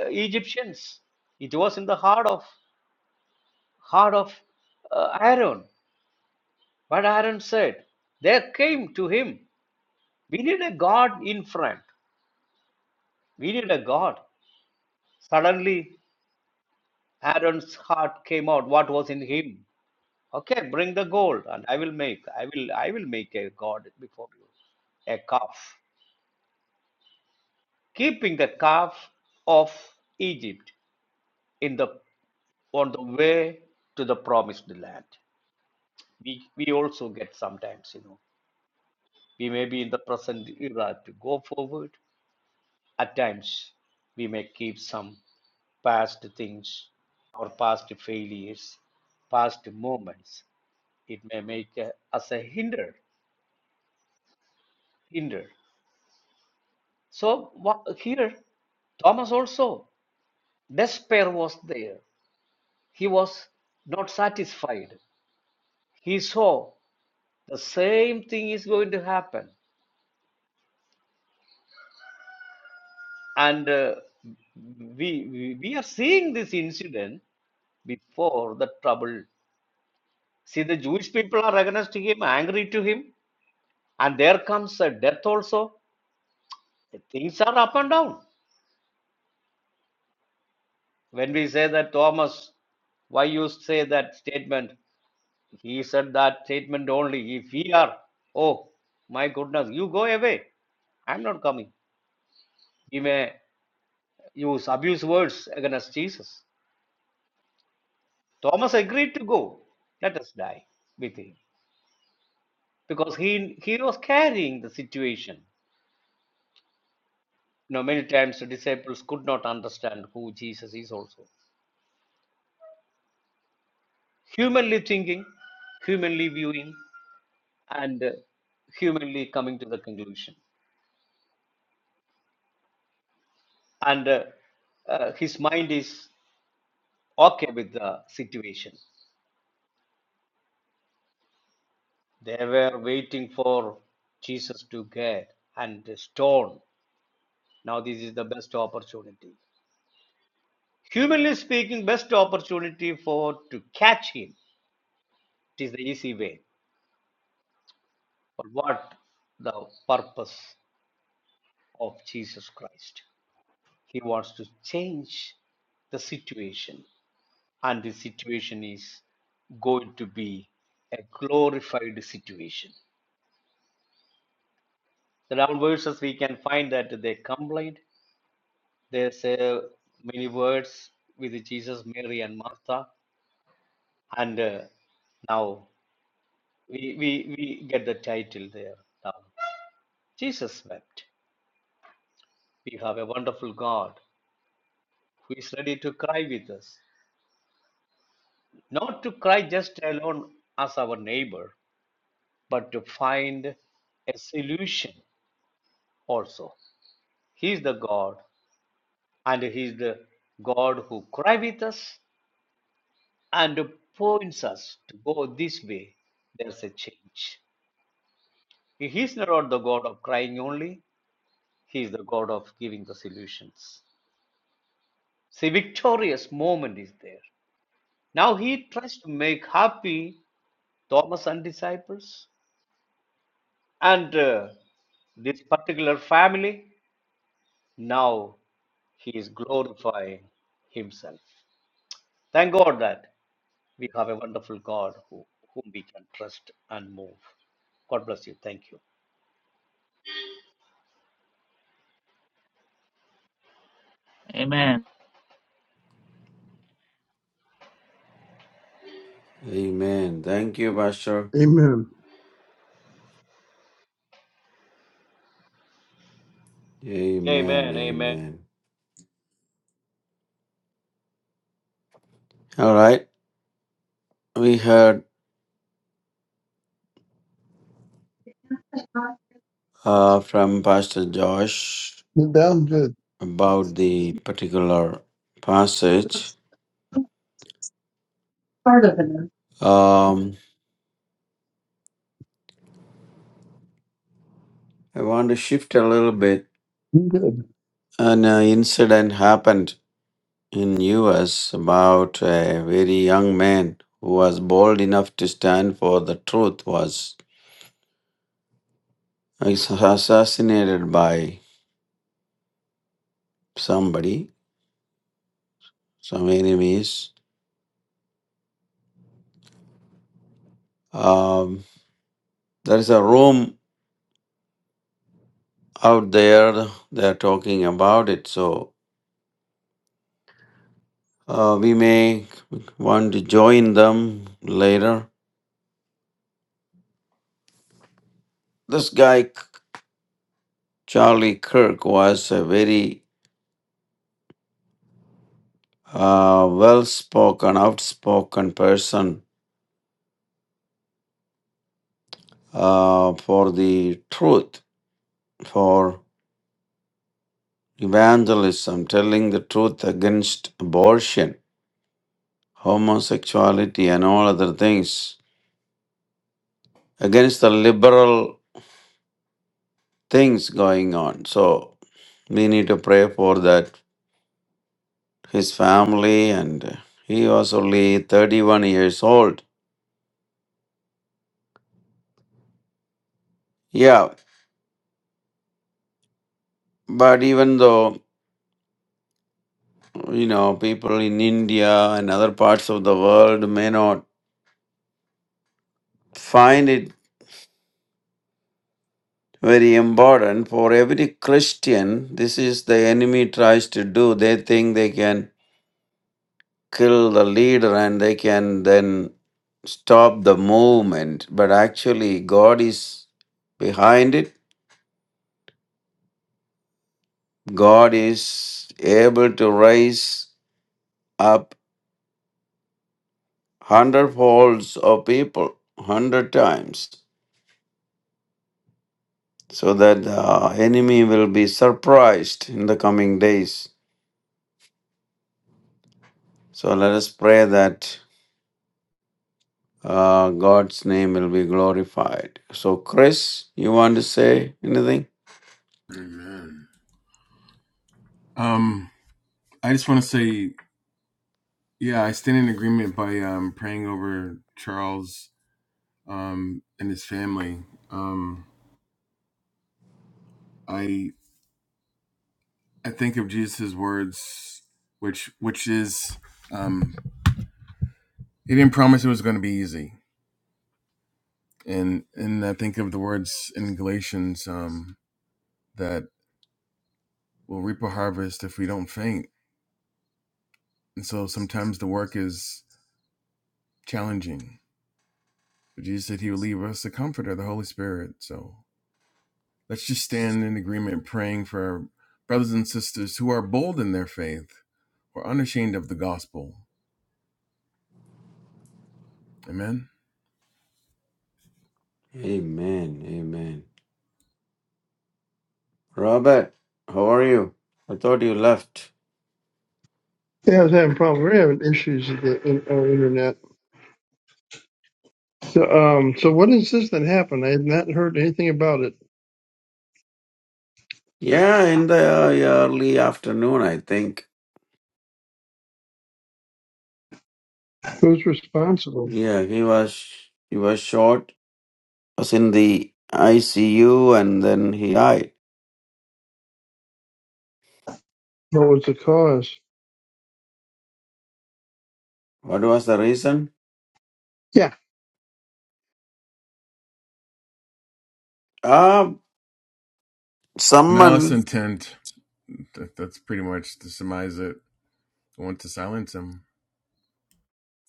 Egyptians. It was in the heart of heart of uh, Aaron. But Aaron said, they came to him. We need a God in front. We need a God. Suddenly, Aaron's heart came out. What was in him? Okay, bring the gold, and I will make. I will. I will make a god before you, a calf. Keeping the calf of Egypt in the on the way to the promised land. We we also get sometimes, you know, we may be in the present era to go forward. At times, we may keep some. past things or past failures, past moments. It may make uh, us a hinder. hinder. So what, here, Thomas also, despair was there. He was not satisfied. He saw the same thing is going to happen. And uh, we, we, we are seeing this incident before the trouble. See, the Jewish people are against him, angry to him, and there comes a death also. Things are up and down. When we say that Thomas, why you say that statement? He said that statement only. If we are, oh my goodness, you go away. I'm not coming. He may use abuse words against Jesus. Thomas agreed to go. Let us die with him. Because he he was carrying the situation. You know, many times the disciples could not understand who Jesus is also. Humanly thinking, humanly viewing, and uh, humanly coming to the conclusion. And uh, uh, his mind is okay with the situation. They were waiting for Jesus to get and stone. Now this is the best opportunity. Humanly speaking, best opportunity for to catch him. It is the easy way. But what the purpose of Jesus Christ? He wants to change the situation. and the situation is going to be a glorified situation. The 11 verses we can find that they complained. They say many words with Jesus, Mary, and Martha, and uh, now we, we we get the title there. Now Jesus wept. We have a wonderful God who is ready to cry with us, not to cry just alone as our neighbor, but to find a solution also. He is the God, and He is the God who cries with us and points us to go this way. There's a change. He is not the God of crying only, He is the God of giving the solutions. See, victorious moment is there. Now He tries to make happy Thomas and disciples and uh, this particular family. Now He is glorifying Himself. Thank God that We have a wonderful God who, whom we can trust and move. God bless you. Thank you.
Amen.
Amen. Thank you, Pastor.
Amen.
Amen.
Amen. Amen.
Amen. All right. We heard uh, from Pastor Josh
That was good.
about the particular passage. Um, I want to shift a little bit.
Good.
An uh, incident happened in U.S. about a very young man who was bold enough to stand for the truth was assassinated by somebody, some enemies. Um, there is a room out there. They are talking about it. So Uh, we may want to join them later. This guy, Charlie Kirk, was a very uh, well spoken, outspoken person uh, for the truth, for evangelism, telling the truth against abortion, homosexuality, and all other things, against the liberal things going on. So we need to pray for that his family, and he was only 31 years old. Yeah, but even though, you know, people in India and other parts of the world may not find it very important for every Christian, this is the enemy tries to do. They think they can kill the leader and they can then stop the movement, but actually, God is behind it. God is able to raise up hundred folds of people, hundred times, so that the enemy will be surprised in the coming days. So let us pray that uh, God's name will be glorified. So, Chris, you want to say anything?
Amen. Um, I just want to say, yeah, I stand in agreement by um, praying over Charles um, and his family. Um, I I think of Jesus' words, which which is um, he didn't promise it was going to be easy, and and I think of the words in Galatians um, that we'll reap a harvest if we don't faint, and so sometimes the work is challenging. But Jesus said He would leave us the Comforter, the Holy Spirit. So let's just stand in agreement, praying for our brothers and sisters who are bold in their faith, who are unashamed of the gospel. Amen.
Amen. Amen. Robert, how are you? I thought you left.
Yeah, I was having problems. We're having issues with the in, our internet. So, um, so what is this that happened? I have not heard anything about it.
Yeah, in the uh, early afternoon, I think.
Who's responsible?
Yeah, he was he was shot. Was in the ICU and then he died.
What was the cause?
What was the reason?
Yeah.
Uh,
Malice
someone,
intent. That, that's pretty much to surmise it. I want to silence him.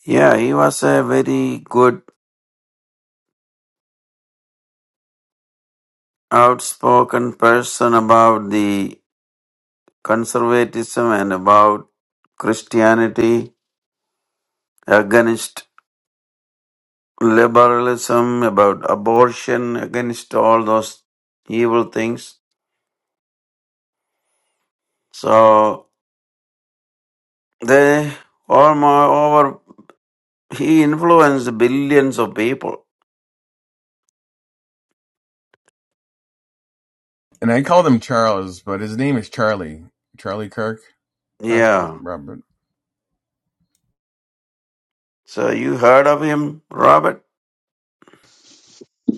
yeah, he was a very good, outspoken person about the conservatism and about Christianity, against liberalism, about abortion, against all those evil things. So they almost over, he influenced billions of people.
And I called him Charles, but his name is Charlie. Charlie Kirk. Pastor
Yeah.
Robert.
So you heard of him, Robert?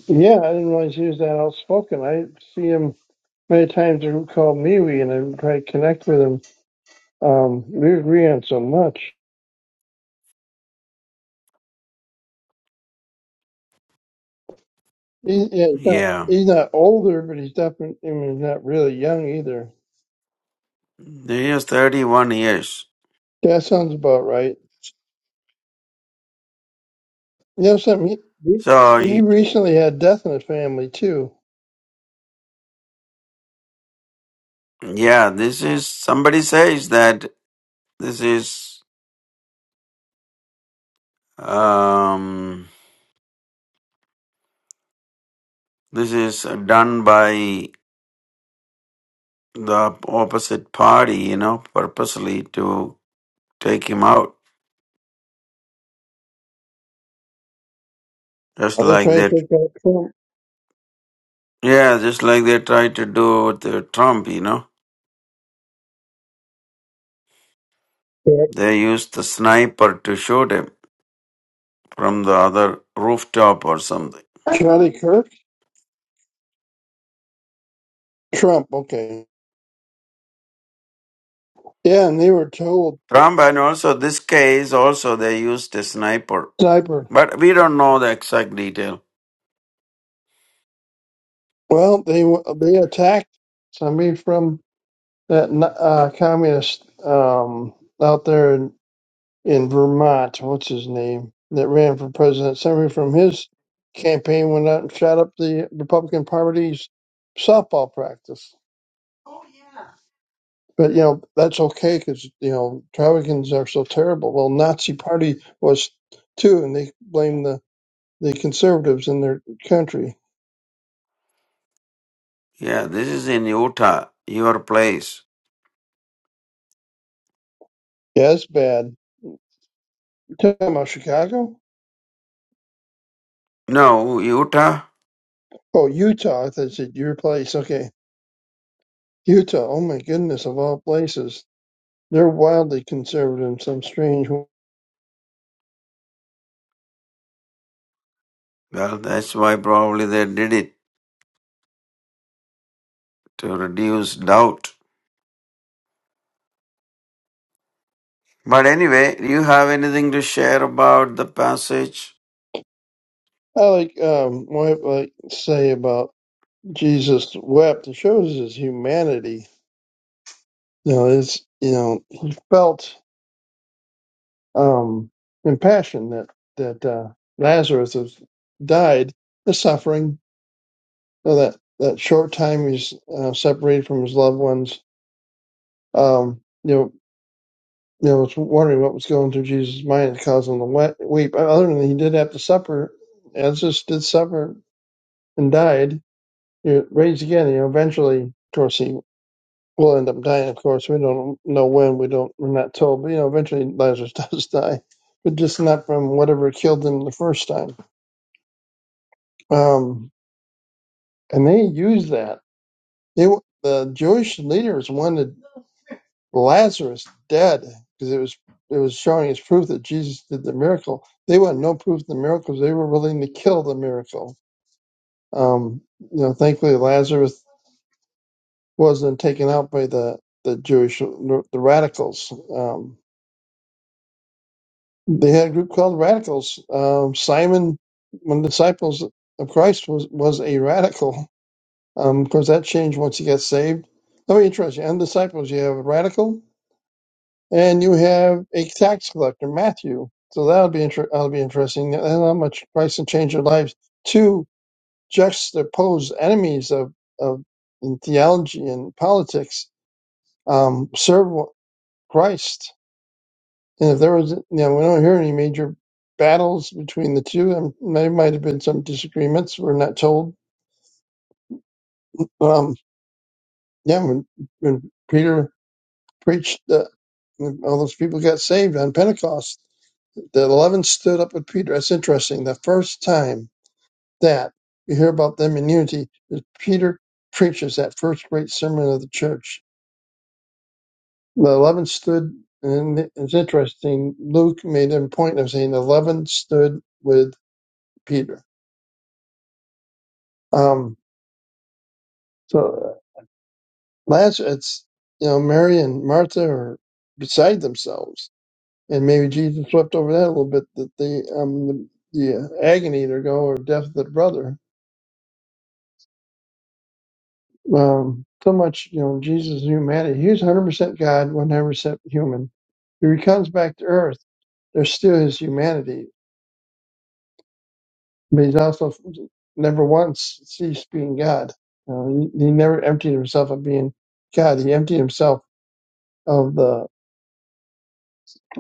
Yeah, I didn't realize he was that outspoken. I see him many times. They call me, we and I try to connect with him. Um, we agree on so much. He, yeah, he's not,
Yeah.
he's not older, but he's definitely I mean, he's not really young either.
He is 31 years.
That sounds about right. You know something? He
So,
he
y-
recently had death in his family too.
yeah, this is, somebody says that this is, um, this is done by the opposite party, you know, purposely to take him out. Just
Are they
like
trying to
that.
take out Trump?
Yeah, just like they tried to do with uh, Trump, you know.
Yeah.
They used the sniper to shoot him from the other rooftop or something.
Charlie Kirk? Trump? Okay. Yeah, and they were told
Trump and also this case, also they used a sniper
sniper.
But we don't know the exact detail.
Well, they were- they attacked somebody from that n- uh, communist um, out there in, in Vermont. What's his name? That ran for president. Somebody from his campaign went out and shot up the Republican Party's softball practice. But you know that's okay because you know Republicans are so terrible. Well, Nazi Party was too, and they blame the the conservatives in their country.
Yeah, this is in Utah, your place.
Yeah, it's bad. You talking about Chicago?
No, Utah?
Oh, Utah. I thought you said your place. Okay, Utah. Oh my goodness, of all places, they're wildly conservative in some strange way.
Well, that's why probably they did it to reduce doubt. But anyway, do you have anything to share about the passage?
I like um, what I say about Jesus wept. It shows his humanity. You know, it's you know he felt. um, and passion that that uh, Lazarus has died, the suffering, you know, that that short time he's uh, separated from his loved ones. Um, you know, you know, it's wondering what was going through Jesus' mind to cause him to we- weep. Uh, Other than he did have to suffer, Lazarus did suffer and died. You know, raised again. You know, eventually, of course, he will end up dying. Of course, we don't know when. We don't. We're not told. But you know, eventually Lazarus does die, but just not from whatever killed him the first time Um, and they used that. They the Jewish leaders wanted Lazarus dead because it was it was showing as proof that Jesus did the miracle. They wanted no proof of the miracles. They were willing to kill the miracle. Um, you know, thankfully Lazarus wasn't taken out by the the Jewish the radicals. Um, they had a group called radicals. Um, Simon, one of the disciples of Christ, was was a radical Um, of course, that changed once he got saved. Oh, interesting. And disciples, you have a radical, and you have a tax collector, Matthew. So that'll be inter- that'll be interesting. And how much Christ can change their lives. Two juxtaposed enemies of, of in theology and politics um, serve Christ. And if there was, you know, we don't hear any major battles between the two. And there might have been some disagreements. We're not told. Um, yeah, when, when Peter preached uh, all those people got saved on Pentecost. The eleven stood up with Peter. That's interesting. The first time that you hear about them in unity is Peter preaches that first great sermon of the church. The eleven stood, and it's interesting. Luke made a point of saying eleven stood with Peter. Um, so uh, Lazarus, it's you know Mary and Martha are beside themselves and maybe Jesus swept over that a little bit that the um the, the agony to go or death of the brother. Um, so much you know Jesus' humanity. He was 100 percent God, 100 percent human. When he comes back to Earth, there's still his humanity, but he's also never once ceased being God. Uh, he, he never emptied himself of being God. He emptied himself of the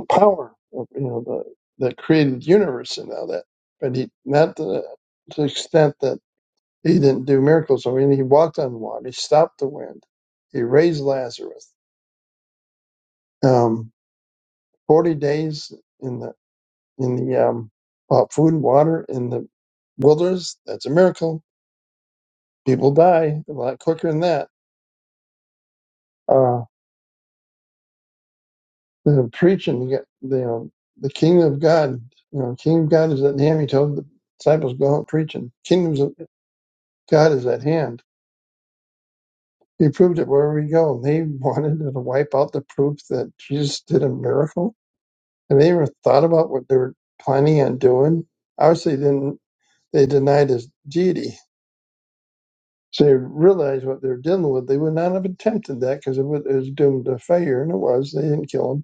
power of you know the the created universe and all that, but he not to the, to the extent that He didn't do miracles or anything. He walked on water. He stopped the wind. He raised Lazarus. Um, Forty days in the in the um, uh, food and water in the wilderness. That's a miracle. People die a lot quicker than that. Uh, the preaching, you get- the um, the kingdom of God. You know, kingdom of God is at hand. He told the disciples, "Go out preaching. Kingdoms of God is at hand." He proved it wherever we go. They wanted to wipe out the proof that Jesus did a miracle Have they ever thought about what they were planning on doing? Obviously, didn't they denied his deity. So they realized what they were dealing with. They would not have attempted that because it was it was doomed to failure, and it was. They didn't kill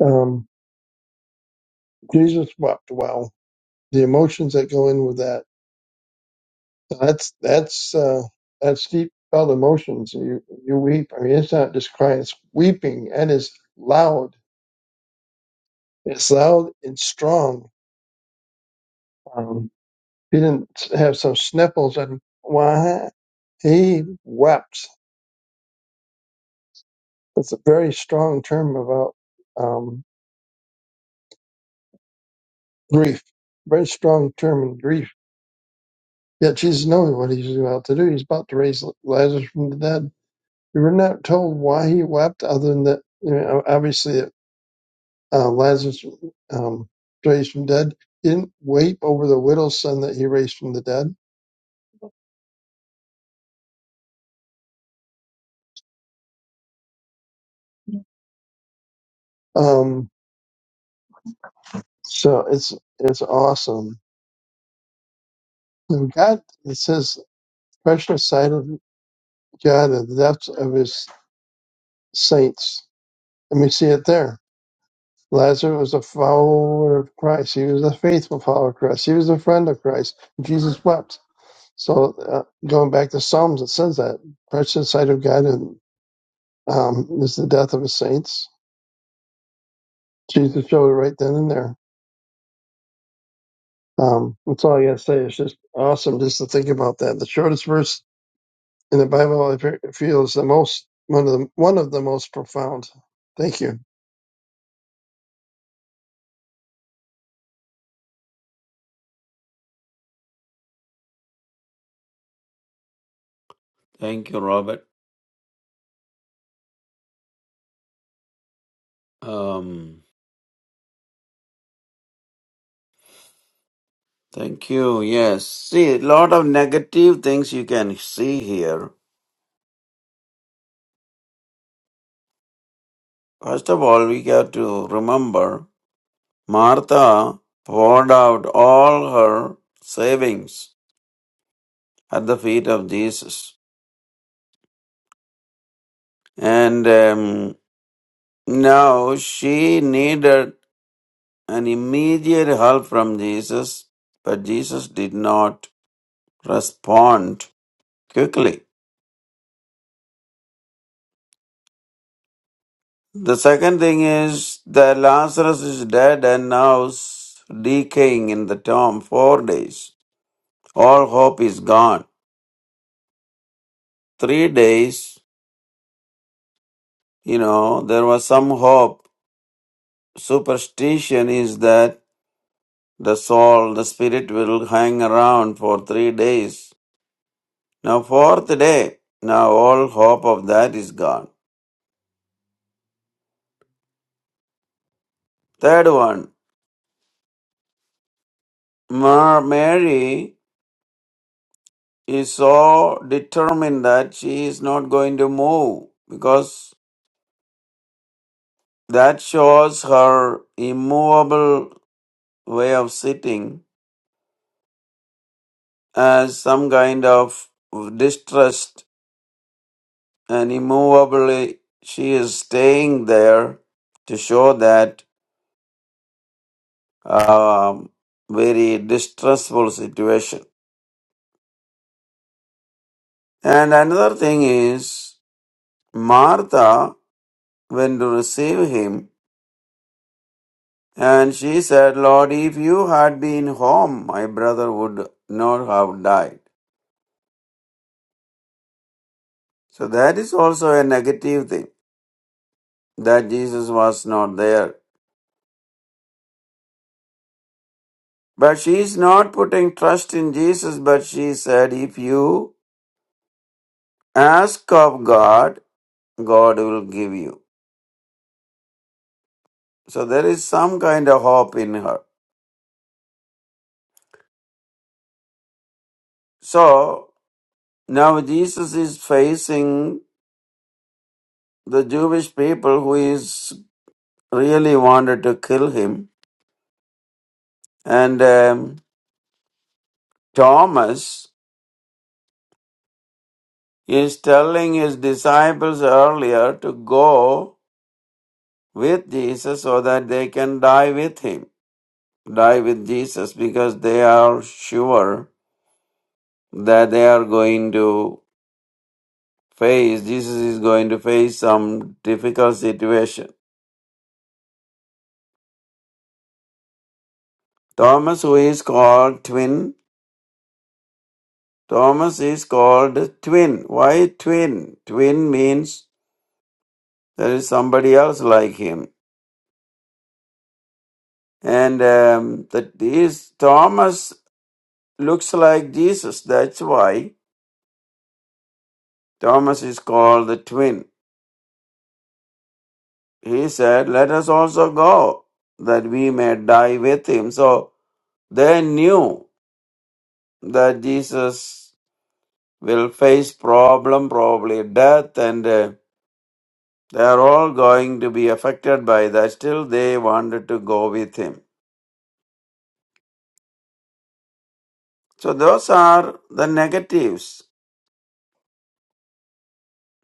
him. Um, Jesus wept. Wow, the emotions that go in with that. That's that's uh, that's deep felt emotions. You you weep. I mean, it's not just crying; it's weeping, and it's loud. It's loud and strong. Um, he didn't have some sniffles and why. He wept. That's a very strong term about um, grief. Very strong term in grief. Yet Jesus knows what he's about to do. He's about to raise Lazarus from the dead. We were not told why he wept, other than that, you know, obviously, uh, Lazarus um, raised from the dead. He didn't weep over the widow's son that he raised from the dead. Um, so it's it's awesome. And God, it says, precious sight of God, and the depths of his saints And we see it there. Lazarus was a follower of Christ. He was a faithful follower of Christ. He was a friend of Christ. Jesus wept. So uh, going back to Psalms, it says that precious in the sight of God and, um, is the death of his saints. Jesus showed it right then and there. Um, that's all I got to say. It's just awesome just to think about that. The shortest verse in the Bible I fe- feel is the most one of the one of the most profound. Thank you.
Thank you, Robert. Um, thank you. Yes. See, a lot of negative things you can see here. First of all, we got to remember Martha poured out all her savings at the feet of Jesus. And um, now she needed an immediate help from Jesus, but Jesus did not respond quickly. The second thing is that Lazarus is dead and now s- decaying in the tomb four days. All hope is gone. Three days, you know, there was some hope. Superstition is that The soul, the spirit will hang around for three days. Now, fourth day, now all hope of that is gone. Third one, Ma- Mary is so determined that she is not going to move because that shows her immovable way of sitting as some kind of distrust and immovably she is staying there to show that um, very distressful situation. And another thing is, Martha went to receive him, and she said, Lord, if you had been home, my brother would not have died. So that is also a negative thing, that Jesus was not there. But she is not putting trust in Jesus, but she said, If you ask of God, God will give you. So there is some kind of hope in her. So Now Jesus is facing the Jewish people who is really wanted to kill him. And um, Thomas is telling his disciples earlier to go with Jesus so that they can die with him, die with Jesus, because they are sure that they are going to face, Jesus is going to face some difficult situation. Thomas, who is called twin Thomas is called twin. Why twin? Twin means there is somebody else like him. And um, that is Thomas looks like Jesus. That's why Thomas is called the twin. He said, Let us also go that we may die with him. So they knew that Jesus will face problem, probably death, and uh, they are all going to be affected by that. Still, they wanted to go with him. So those are the negatives.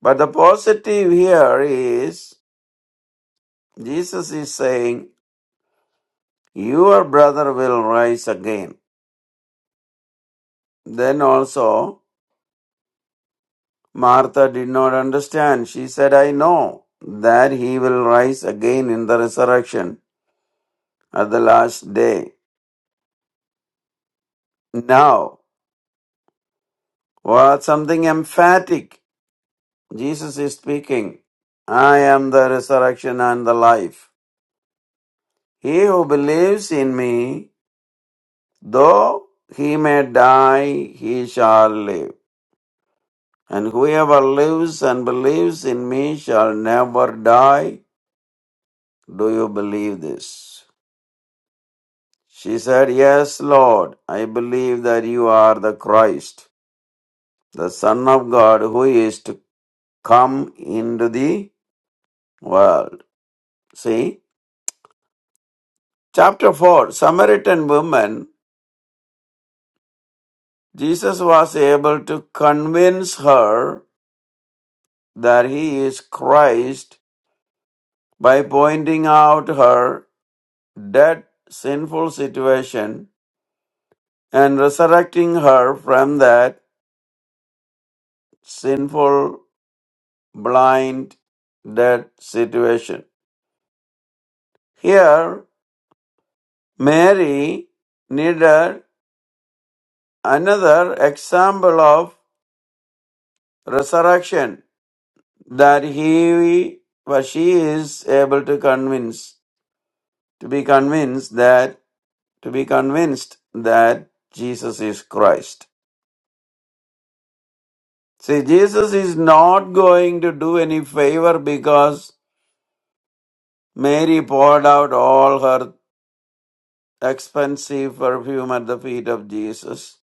But the positive here is Jesus is saying, Your brother will rise again. Then also, Martha did not understand. She said, I know that he will rise again in the resurrection at the last day. Now, what something emphatic. Jesus is speaking, I am the resurrection and the life. He who believes in me Though he may die, he shall live. And whoever lives and believes in me shall never die. Do you believe this? She said, Yes, Lord, I believe that you are the Christ, the Son of God, who is to come into the world. See? Chapter 4 Samaritan woman, Jesus was able to convince her that he is Christ by pointing out her dead sinful situation and resurrecting her from that sinful blind dead situation. Here, Mary needed another example of resurrection that he was she is able to convince to be convinced that to be convinced that Jesus is Christ. See, Jesus is not going to do any favor because Mary poured out all her expensive perfume at the feet of Jesus.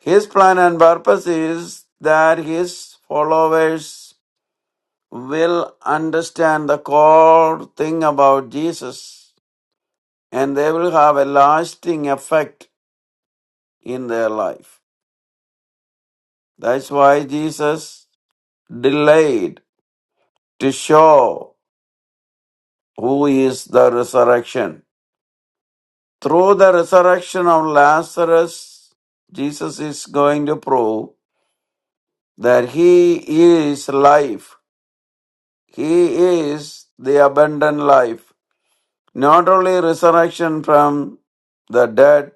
His plan and purpose is that his followers will understand the core thing about Jesus and they will have a lasting effect in their life. That's why Jesus delayed to show who is the resurrection. Through the resurrection of Lazarus, Jesus is going to prove that he is life. He is the abundant life. Not only resurrection from the dead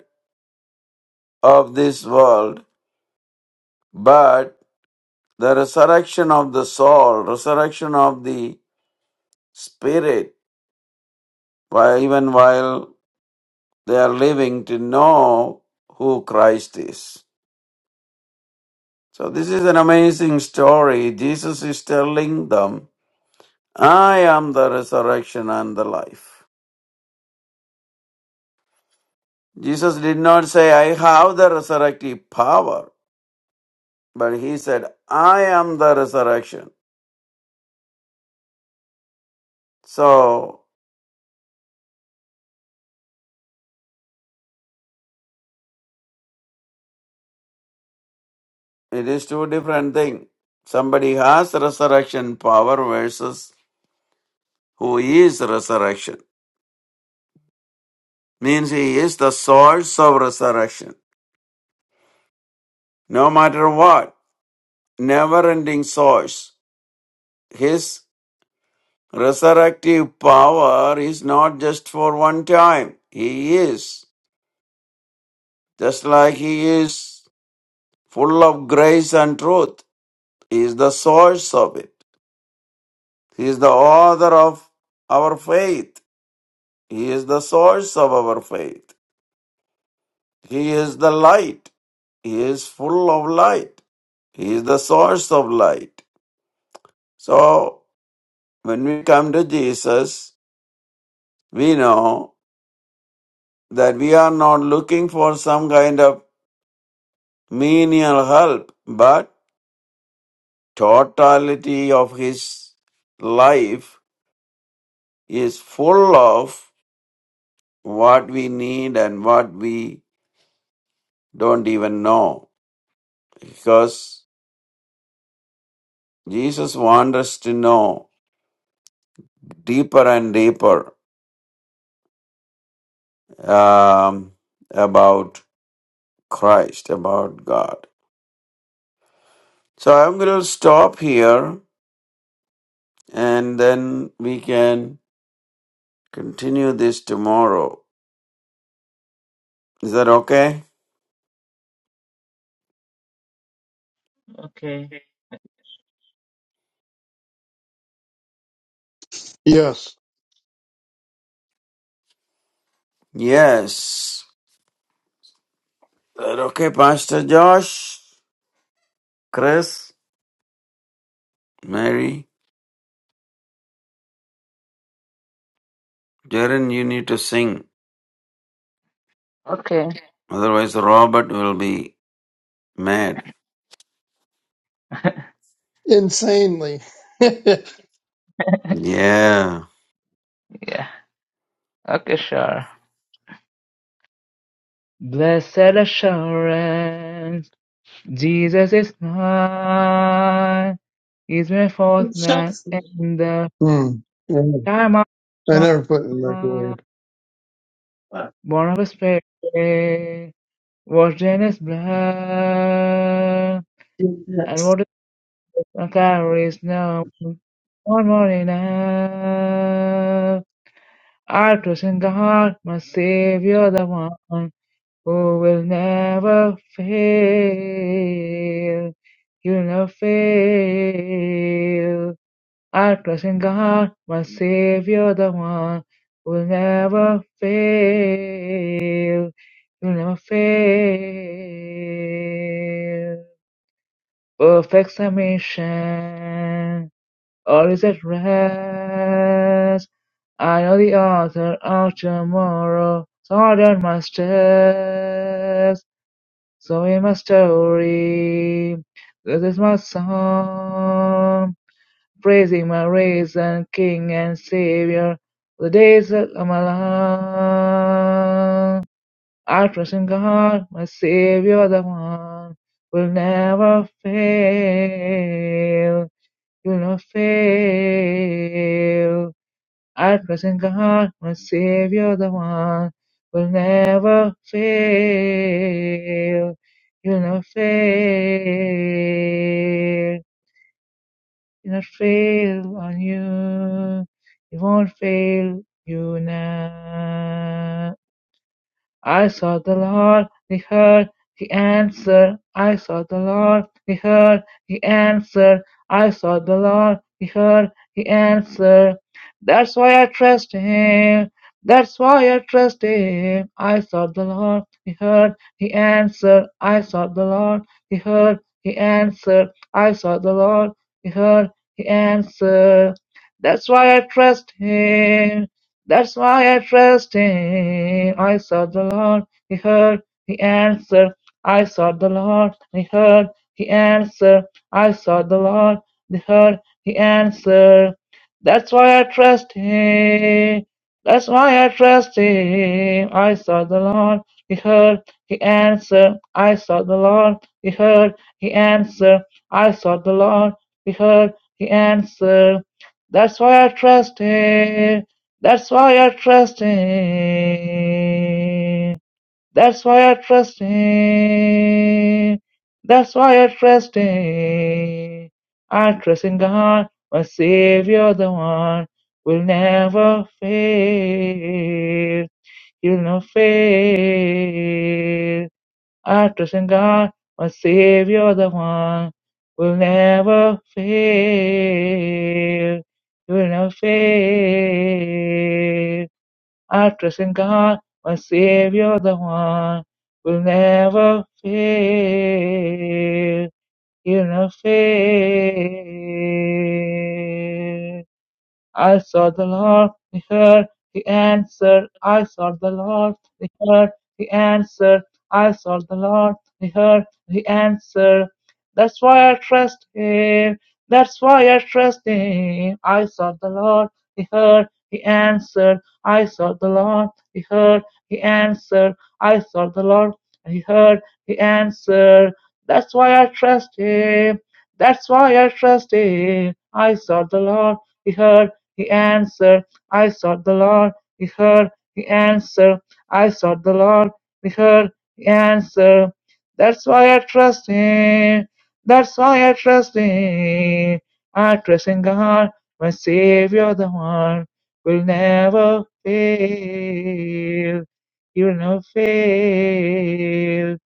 of this world, but the resurrection of the soul, resurrection of the spirit, while even while they are living to know who Christ is. So this is an amazing story. Jesus is telling them, I am the resurrection and the life. Jesus did not say, I have the resurrective power, but he said, I am the resurrection. So it is two different things. Somebody has resurrection power versus who is resurrection. Means he is the source of resurrection. No matter what, never ending source. His Resurrective power is not just for one time. He is, just like He is full of grace and truth, He is the source of it. He is the author of our faith. He is the source of our faith. He is the light. He is full of light. He is the source of light. So, when we come to Jesus, we know that we are not looking for some kind of menial help, but totality of his life is full of what we need and what we don't even know. Because Jesus wants us to know deeper and deeper um, about Christ, about God. So I'm going to stop here and then we can continue this tomorrow. Is that okay?
Okay.
Yes,
Yes. That okay, Pastor Josh, Chris, Mary, Jaren, you need to sing.
Okay.
Otherwise, Robert will be mad.
insanely.
Yeah.
Yeah. Okay, sure. Blessed assurance, Jesus is mine. He's my fourth man in the
hmm.
time
I
of
never put it in the microwave. What?
Barnabas Perry was Dennis blood, and
Yes.
voted for Carries now one more enough. I trust in God, my Savior, the one who will never fail. You'll never fail. I trust in God, my Savior, the one who will never fail. You'll never fail. Perfect submission. All is at rest. I author of tomorrow. Let's This is my song. Praising my son Savior. The days of my life. I trust in God, my Savior, the one will never fail. You'll never fail. At present God, my Savior, the one will never fail. You'll never fail. You'll not fail on you. He won't fail you now. I saw the Lord, we heard, he answered. I saw the Lord, we heard, he answered. I saw the Lord, we heard, he answered. That's why I trust him. That's why I trust him. I saw the Lord, he heard, he answered. I saw the Lord, he heard, he answered. I saw the Lord, he heard, he answered. That's why I trust him. That's why I trust him. I sought the Lord, he heard, he answered. I sought the Lord, he heard, he answered. I sought the Lord, he heard, he answered. That's why I trust him. That's why I trust him. I sought the Lord, he heard, he answered. I sought the Lord, he heard, he answered. I sought the Lord, he heard, he answered. That's why I trust him. That's why I trust Him. That's why I trust Him. That's why I trust Him. I trust in God, my Savior, the one will never fail. He'll not fail. I trust in God, my Savior, the one will never fail. He will not fail. I trust in God. My Savior, the one will never fail. He'll not fail. I saw the Lord, He heard, He answered. I saw the Lord, He heard, He answered. I saw the Lord, He heard, He answered. That's why I trust Him. That's why I trust Him. I saw the Lord, He heard, He answered. I saw the Lord, He heard. He answered, I sought the Lord, and he heard, he answered. That's why I trust him. That's why I trust him. I sought the Lord, he heard, he answered. I sought the Lord, he heard, he answered. I sought the Lord, he heard, he answered. That's why I trust him. That's why I trust him. I trust in God, my Savior, the one will never fail you never fail.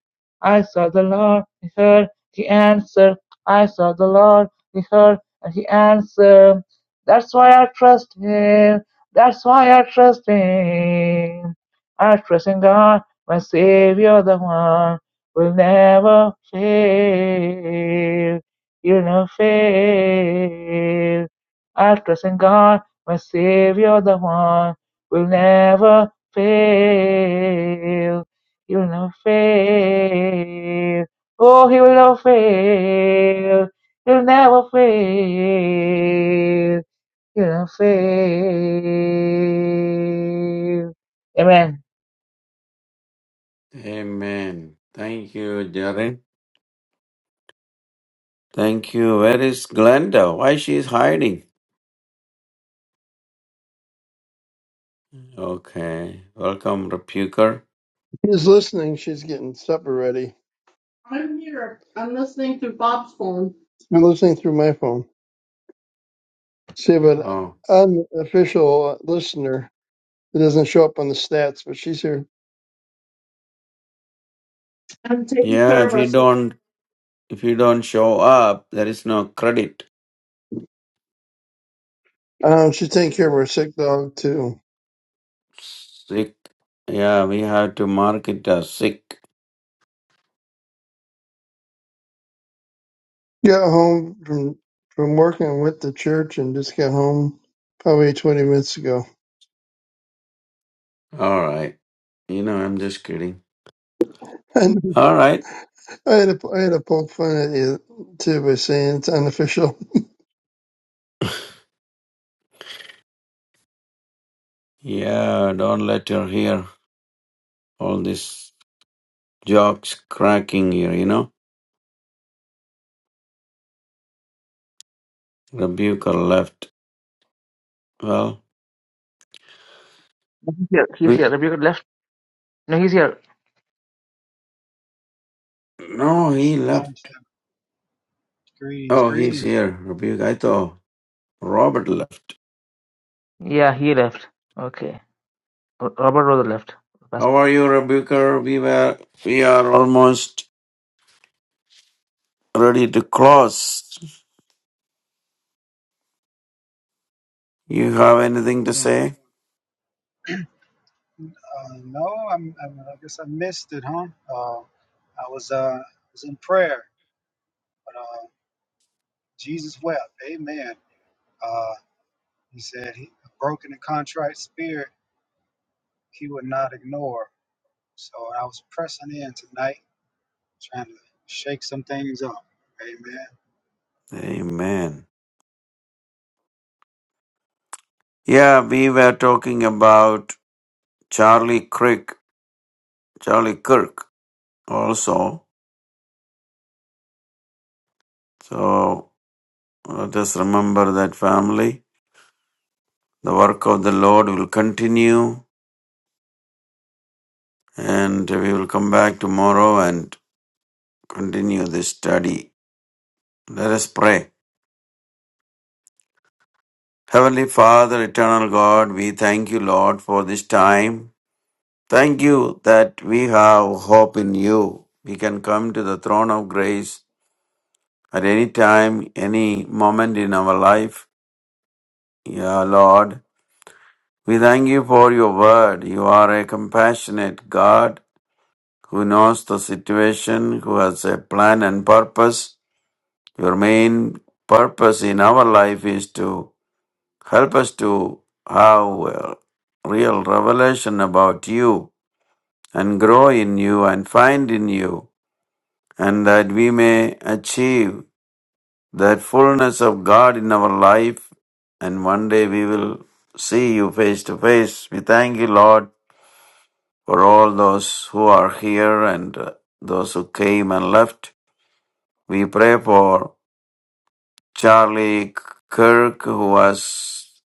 I saw the Lord, he heard, he answered. I saw the Lord, he heard, and he answered. That's why I trust him. That's why I trust him. I trust in God, my Savior, the one will never fail. You'll never fail. I trust in God, my Savior, the one will never fail. He will never fail. Oh, he will never fail. He'll never fail. He'll never fail. Amen.
Amen. Thank you, Jaren. Thank you. Where is Glenda? Why she is hiding? Okay. Welcome, Rebuker.
He's listening. She's getting supper ready. I'm here. I'm listening through Bob's phone. I'm listening through my phone. See, but
Oh.
unofficial listener that doesn't show up on the stats, but she's here. I'm taking
Yeah, if
care
you
of her.
don't if you don't show up, there is no credit.
Um, she's taking care of her sick dog too.
Sick. Yeah, we have to mark it as sick.
Got home from from working with the church and just got home probably 20 minutes ago.
All right. You know, I'm just kidding.
And
All right.
I had to, I had to poke fun at you too by saying it's unofficial.
Yeah, don't let her hear all this jokes cracking here, you know. Rebuker left. Well, re-
No, he's here.
no, he left.
Long to them. Greetings,
Oh, he's
greetings.
here. Rebuker. I thought Robert left.
Yeah, he left. Okay. Ro- Robert Rose left. Pastor.
How are you, Rebuker? We were, we are almost ready to close. You have anything to
Doing,
say?
uh, no, I'm, I'm, I guess I missed it, huh? Uh, I was, uh, was in prayer, but uh, Jesus wept. Amen. Uh, he said, he, a broken and contrite spirit, he would not ignore. So I was pressing in tonight, trying to shake some things up. Amen.
Amen. Yeah, we were talking about Charlie Crick, Charlie Kirk also. So Let us remember that family. The work of the Lord will continue, and we will come back tomorrow and continue this study. Let us pray. Heavenly Father, eternal God, we thank you, Lord, for this time. Thank you that we have hope in you. We can come to the throne of grace at any time, any moment in our life. Yeah, Lord. We thank you for your word. You are a compassionate God. who knows the situation, who has a plan and purpose. Your main purpose in our life is to help us to have a real revelation about you and grow in you and find in you, and that we may achieve that fullness of God in our life, and one day we will see you face to face. We thank you, Lord, for all those who are here and uh, those who came and left. We pray for Charlie Kirk, who was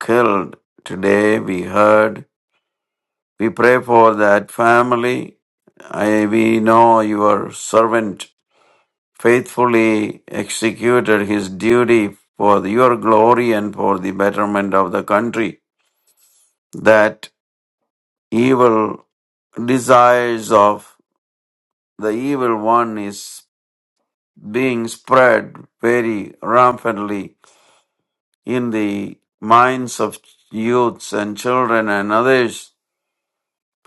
killed today. We heard. We pray for that family. I, we know your servant faithfully executed his duty for your glory and for the betterment of the country. That evil desires of the evil one is being spread very rampantly in the minds of youths and children and others.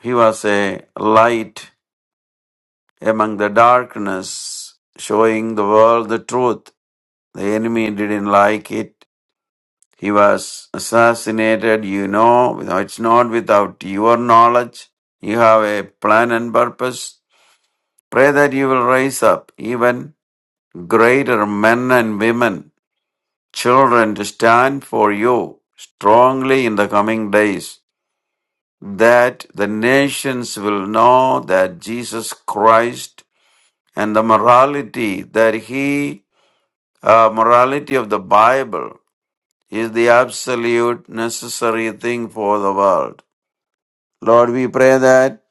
He was a light among the darkness, showing the world the truth. The enemy didn't like it. He was assassinated, you know. It's not without your knowledge. You have a plan and purpose. Pray that you will raise up even greater men and women, children to stand for you strongly in the coming days. that the nations will know that Jesus Christ and the morality that he uh, morality of the Bible is the absolute necessary thing for the world. Lord, we pray that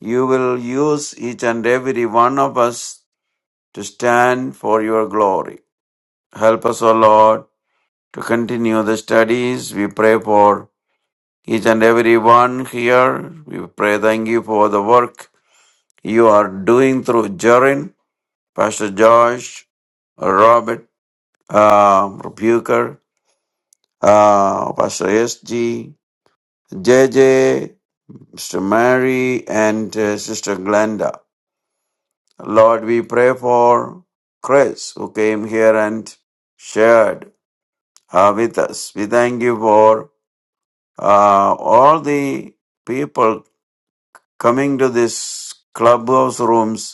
you will use each and every one of us to stand for your glory. Help us, O Lord, to continue the studies. We pray for each and every one here. We pray, thank you for the work you are doing through Jorin, Pastor Josh, Robert, uh, Rebuker, uh, Pastor SG, JJ, Mr. Mary, and uh, Sister Glenda. Lord, we pray for Chris, who came here and shared uh, with us. We thank you for uh, all the people coming to this clubhouse rooms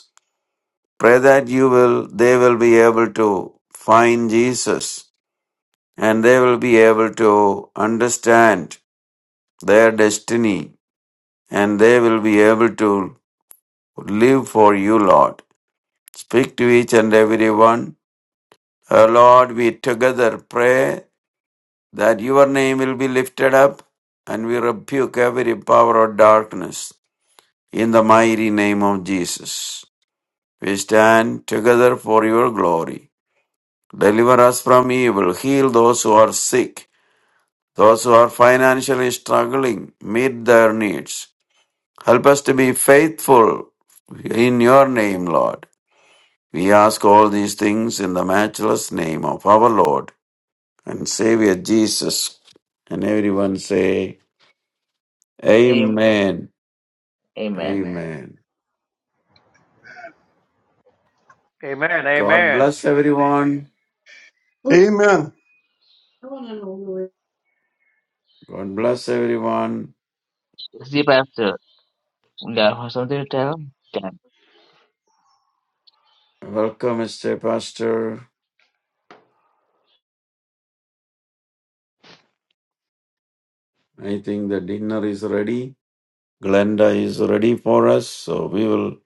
Pray that you will, they will be able to find Jesus and they will be able to understand their destiny and they will be able to live for you, Lord. Speak to each and every one. Oh Lord, we together pray that your name will be lifted up and we rebuke every power of darkness in the mighty name of Jesus. We stand together for your glory. Deliver us from evil. Heal those who are sick, those who are financially struggling. Meet their needs. Help us to be faithful in your name, Lord. We ask all these things in the matchless name of our Lord and Savior Jesus. And everyone say,
Am-
Amen. Amen.
Amen.
Amen.
God
Amen.
bless everyone.
Amen.
God bless everyone.
Is the pastor? Yeah, something to tell him? Damn.
Welcome, Mr. Pastor. I think the dinner is ready. Glenda is ready for us, so we will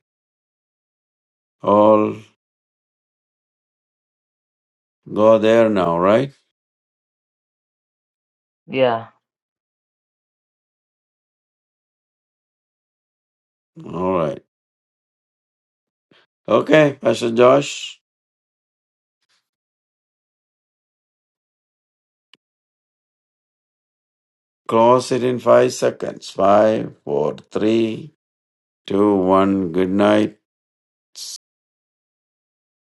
all go there now, right?
Yeah.
All right. Okay, Pastor Josh, close it in five seconds. Five, four, three, two, one. Good night.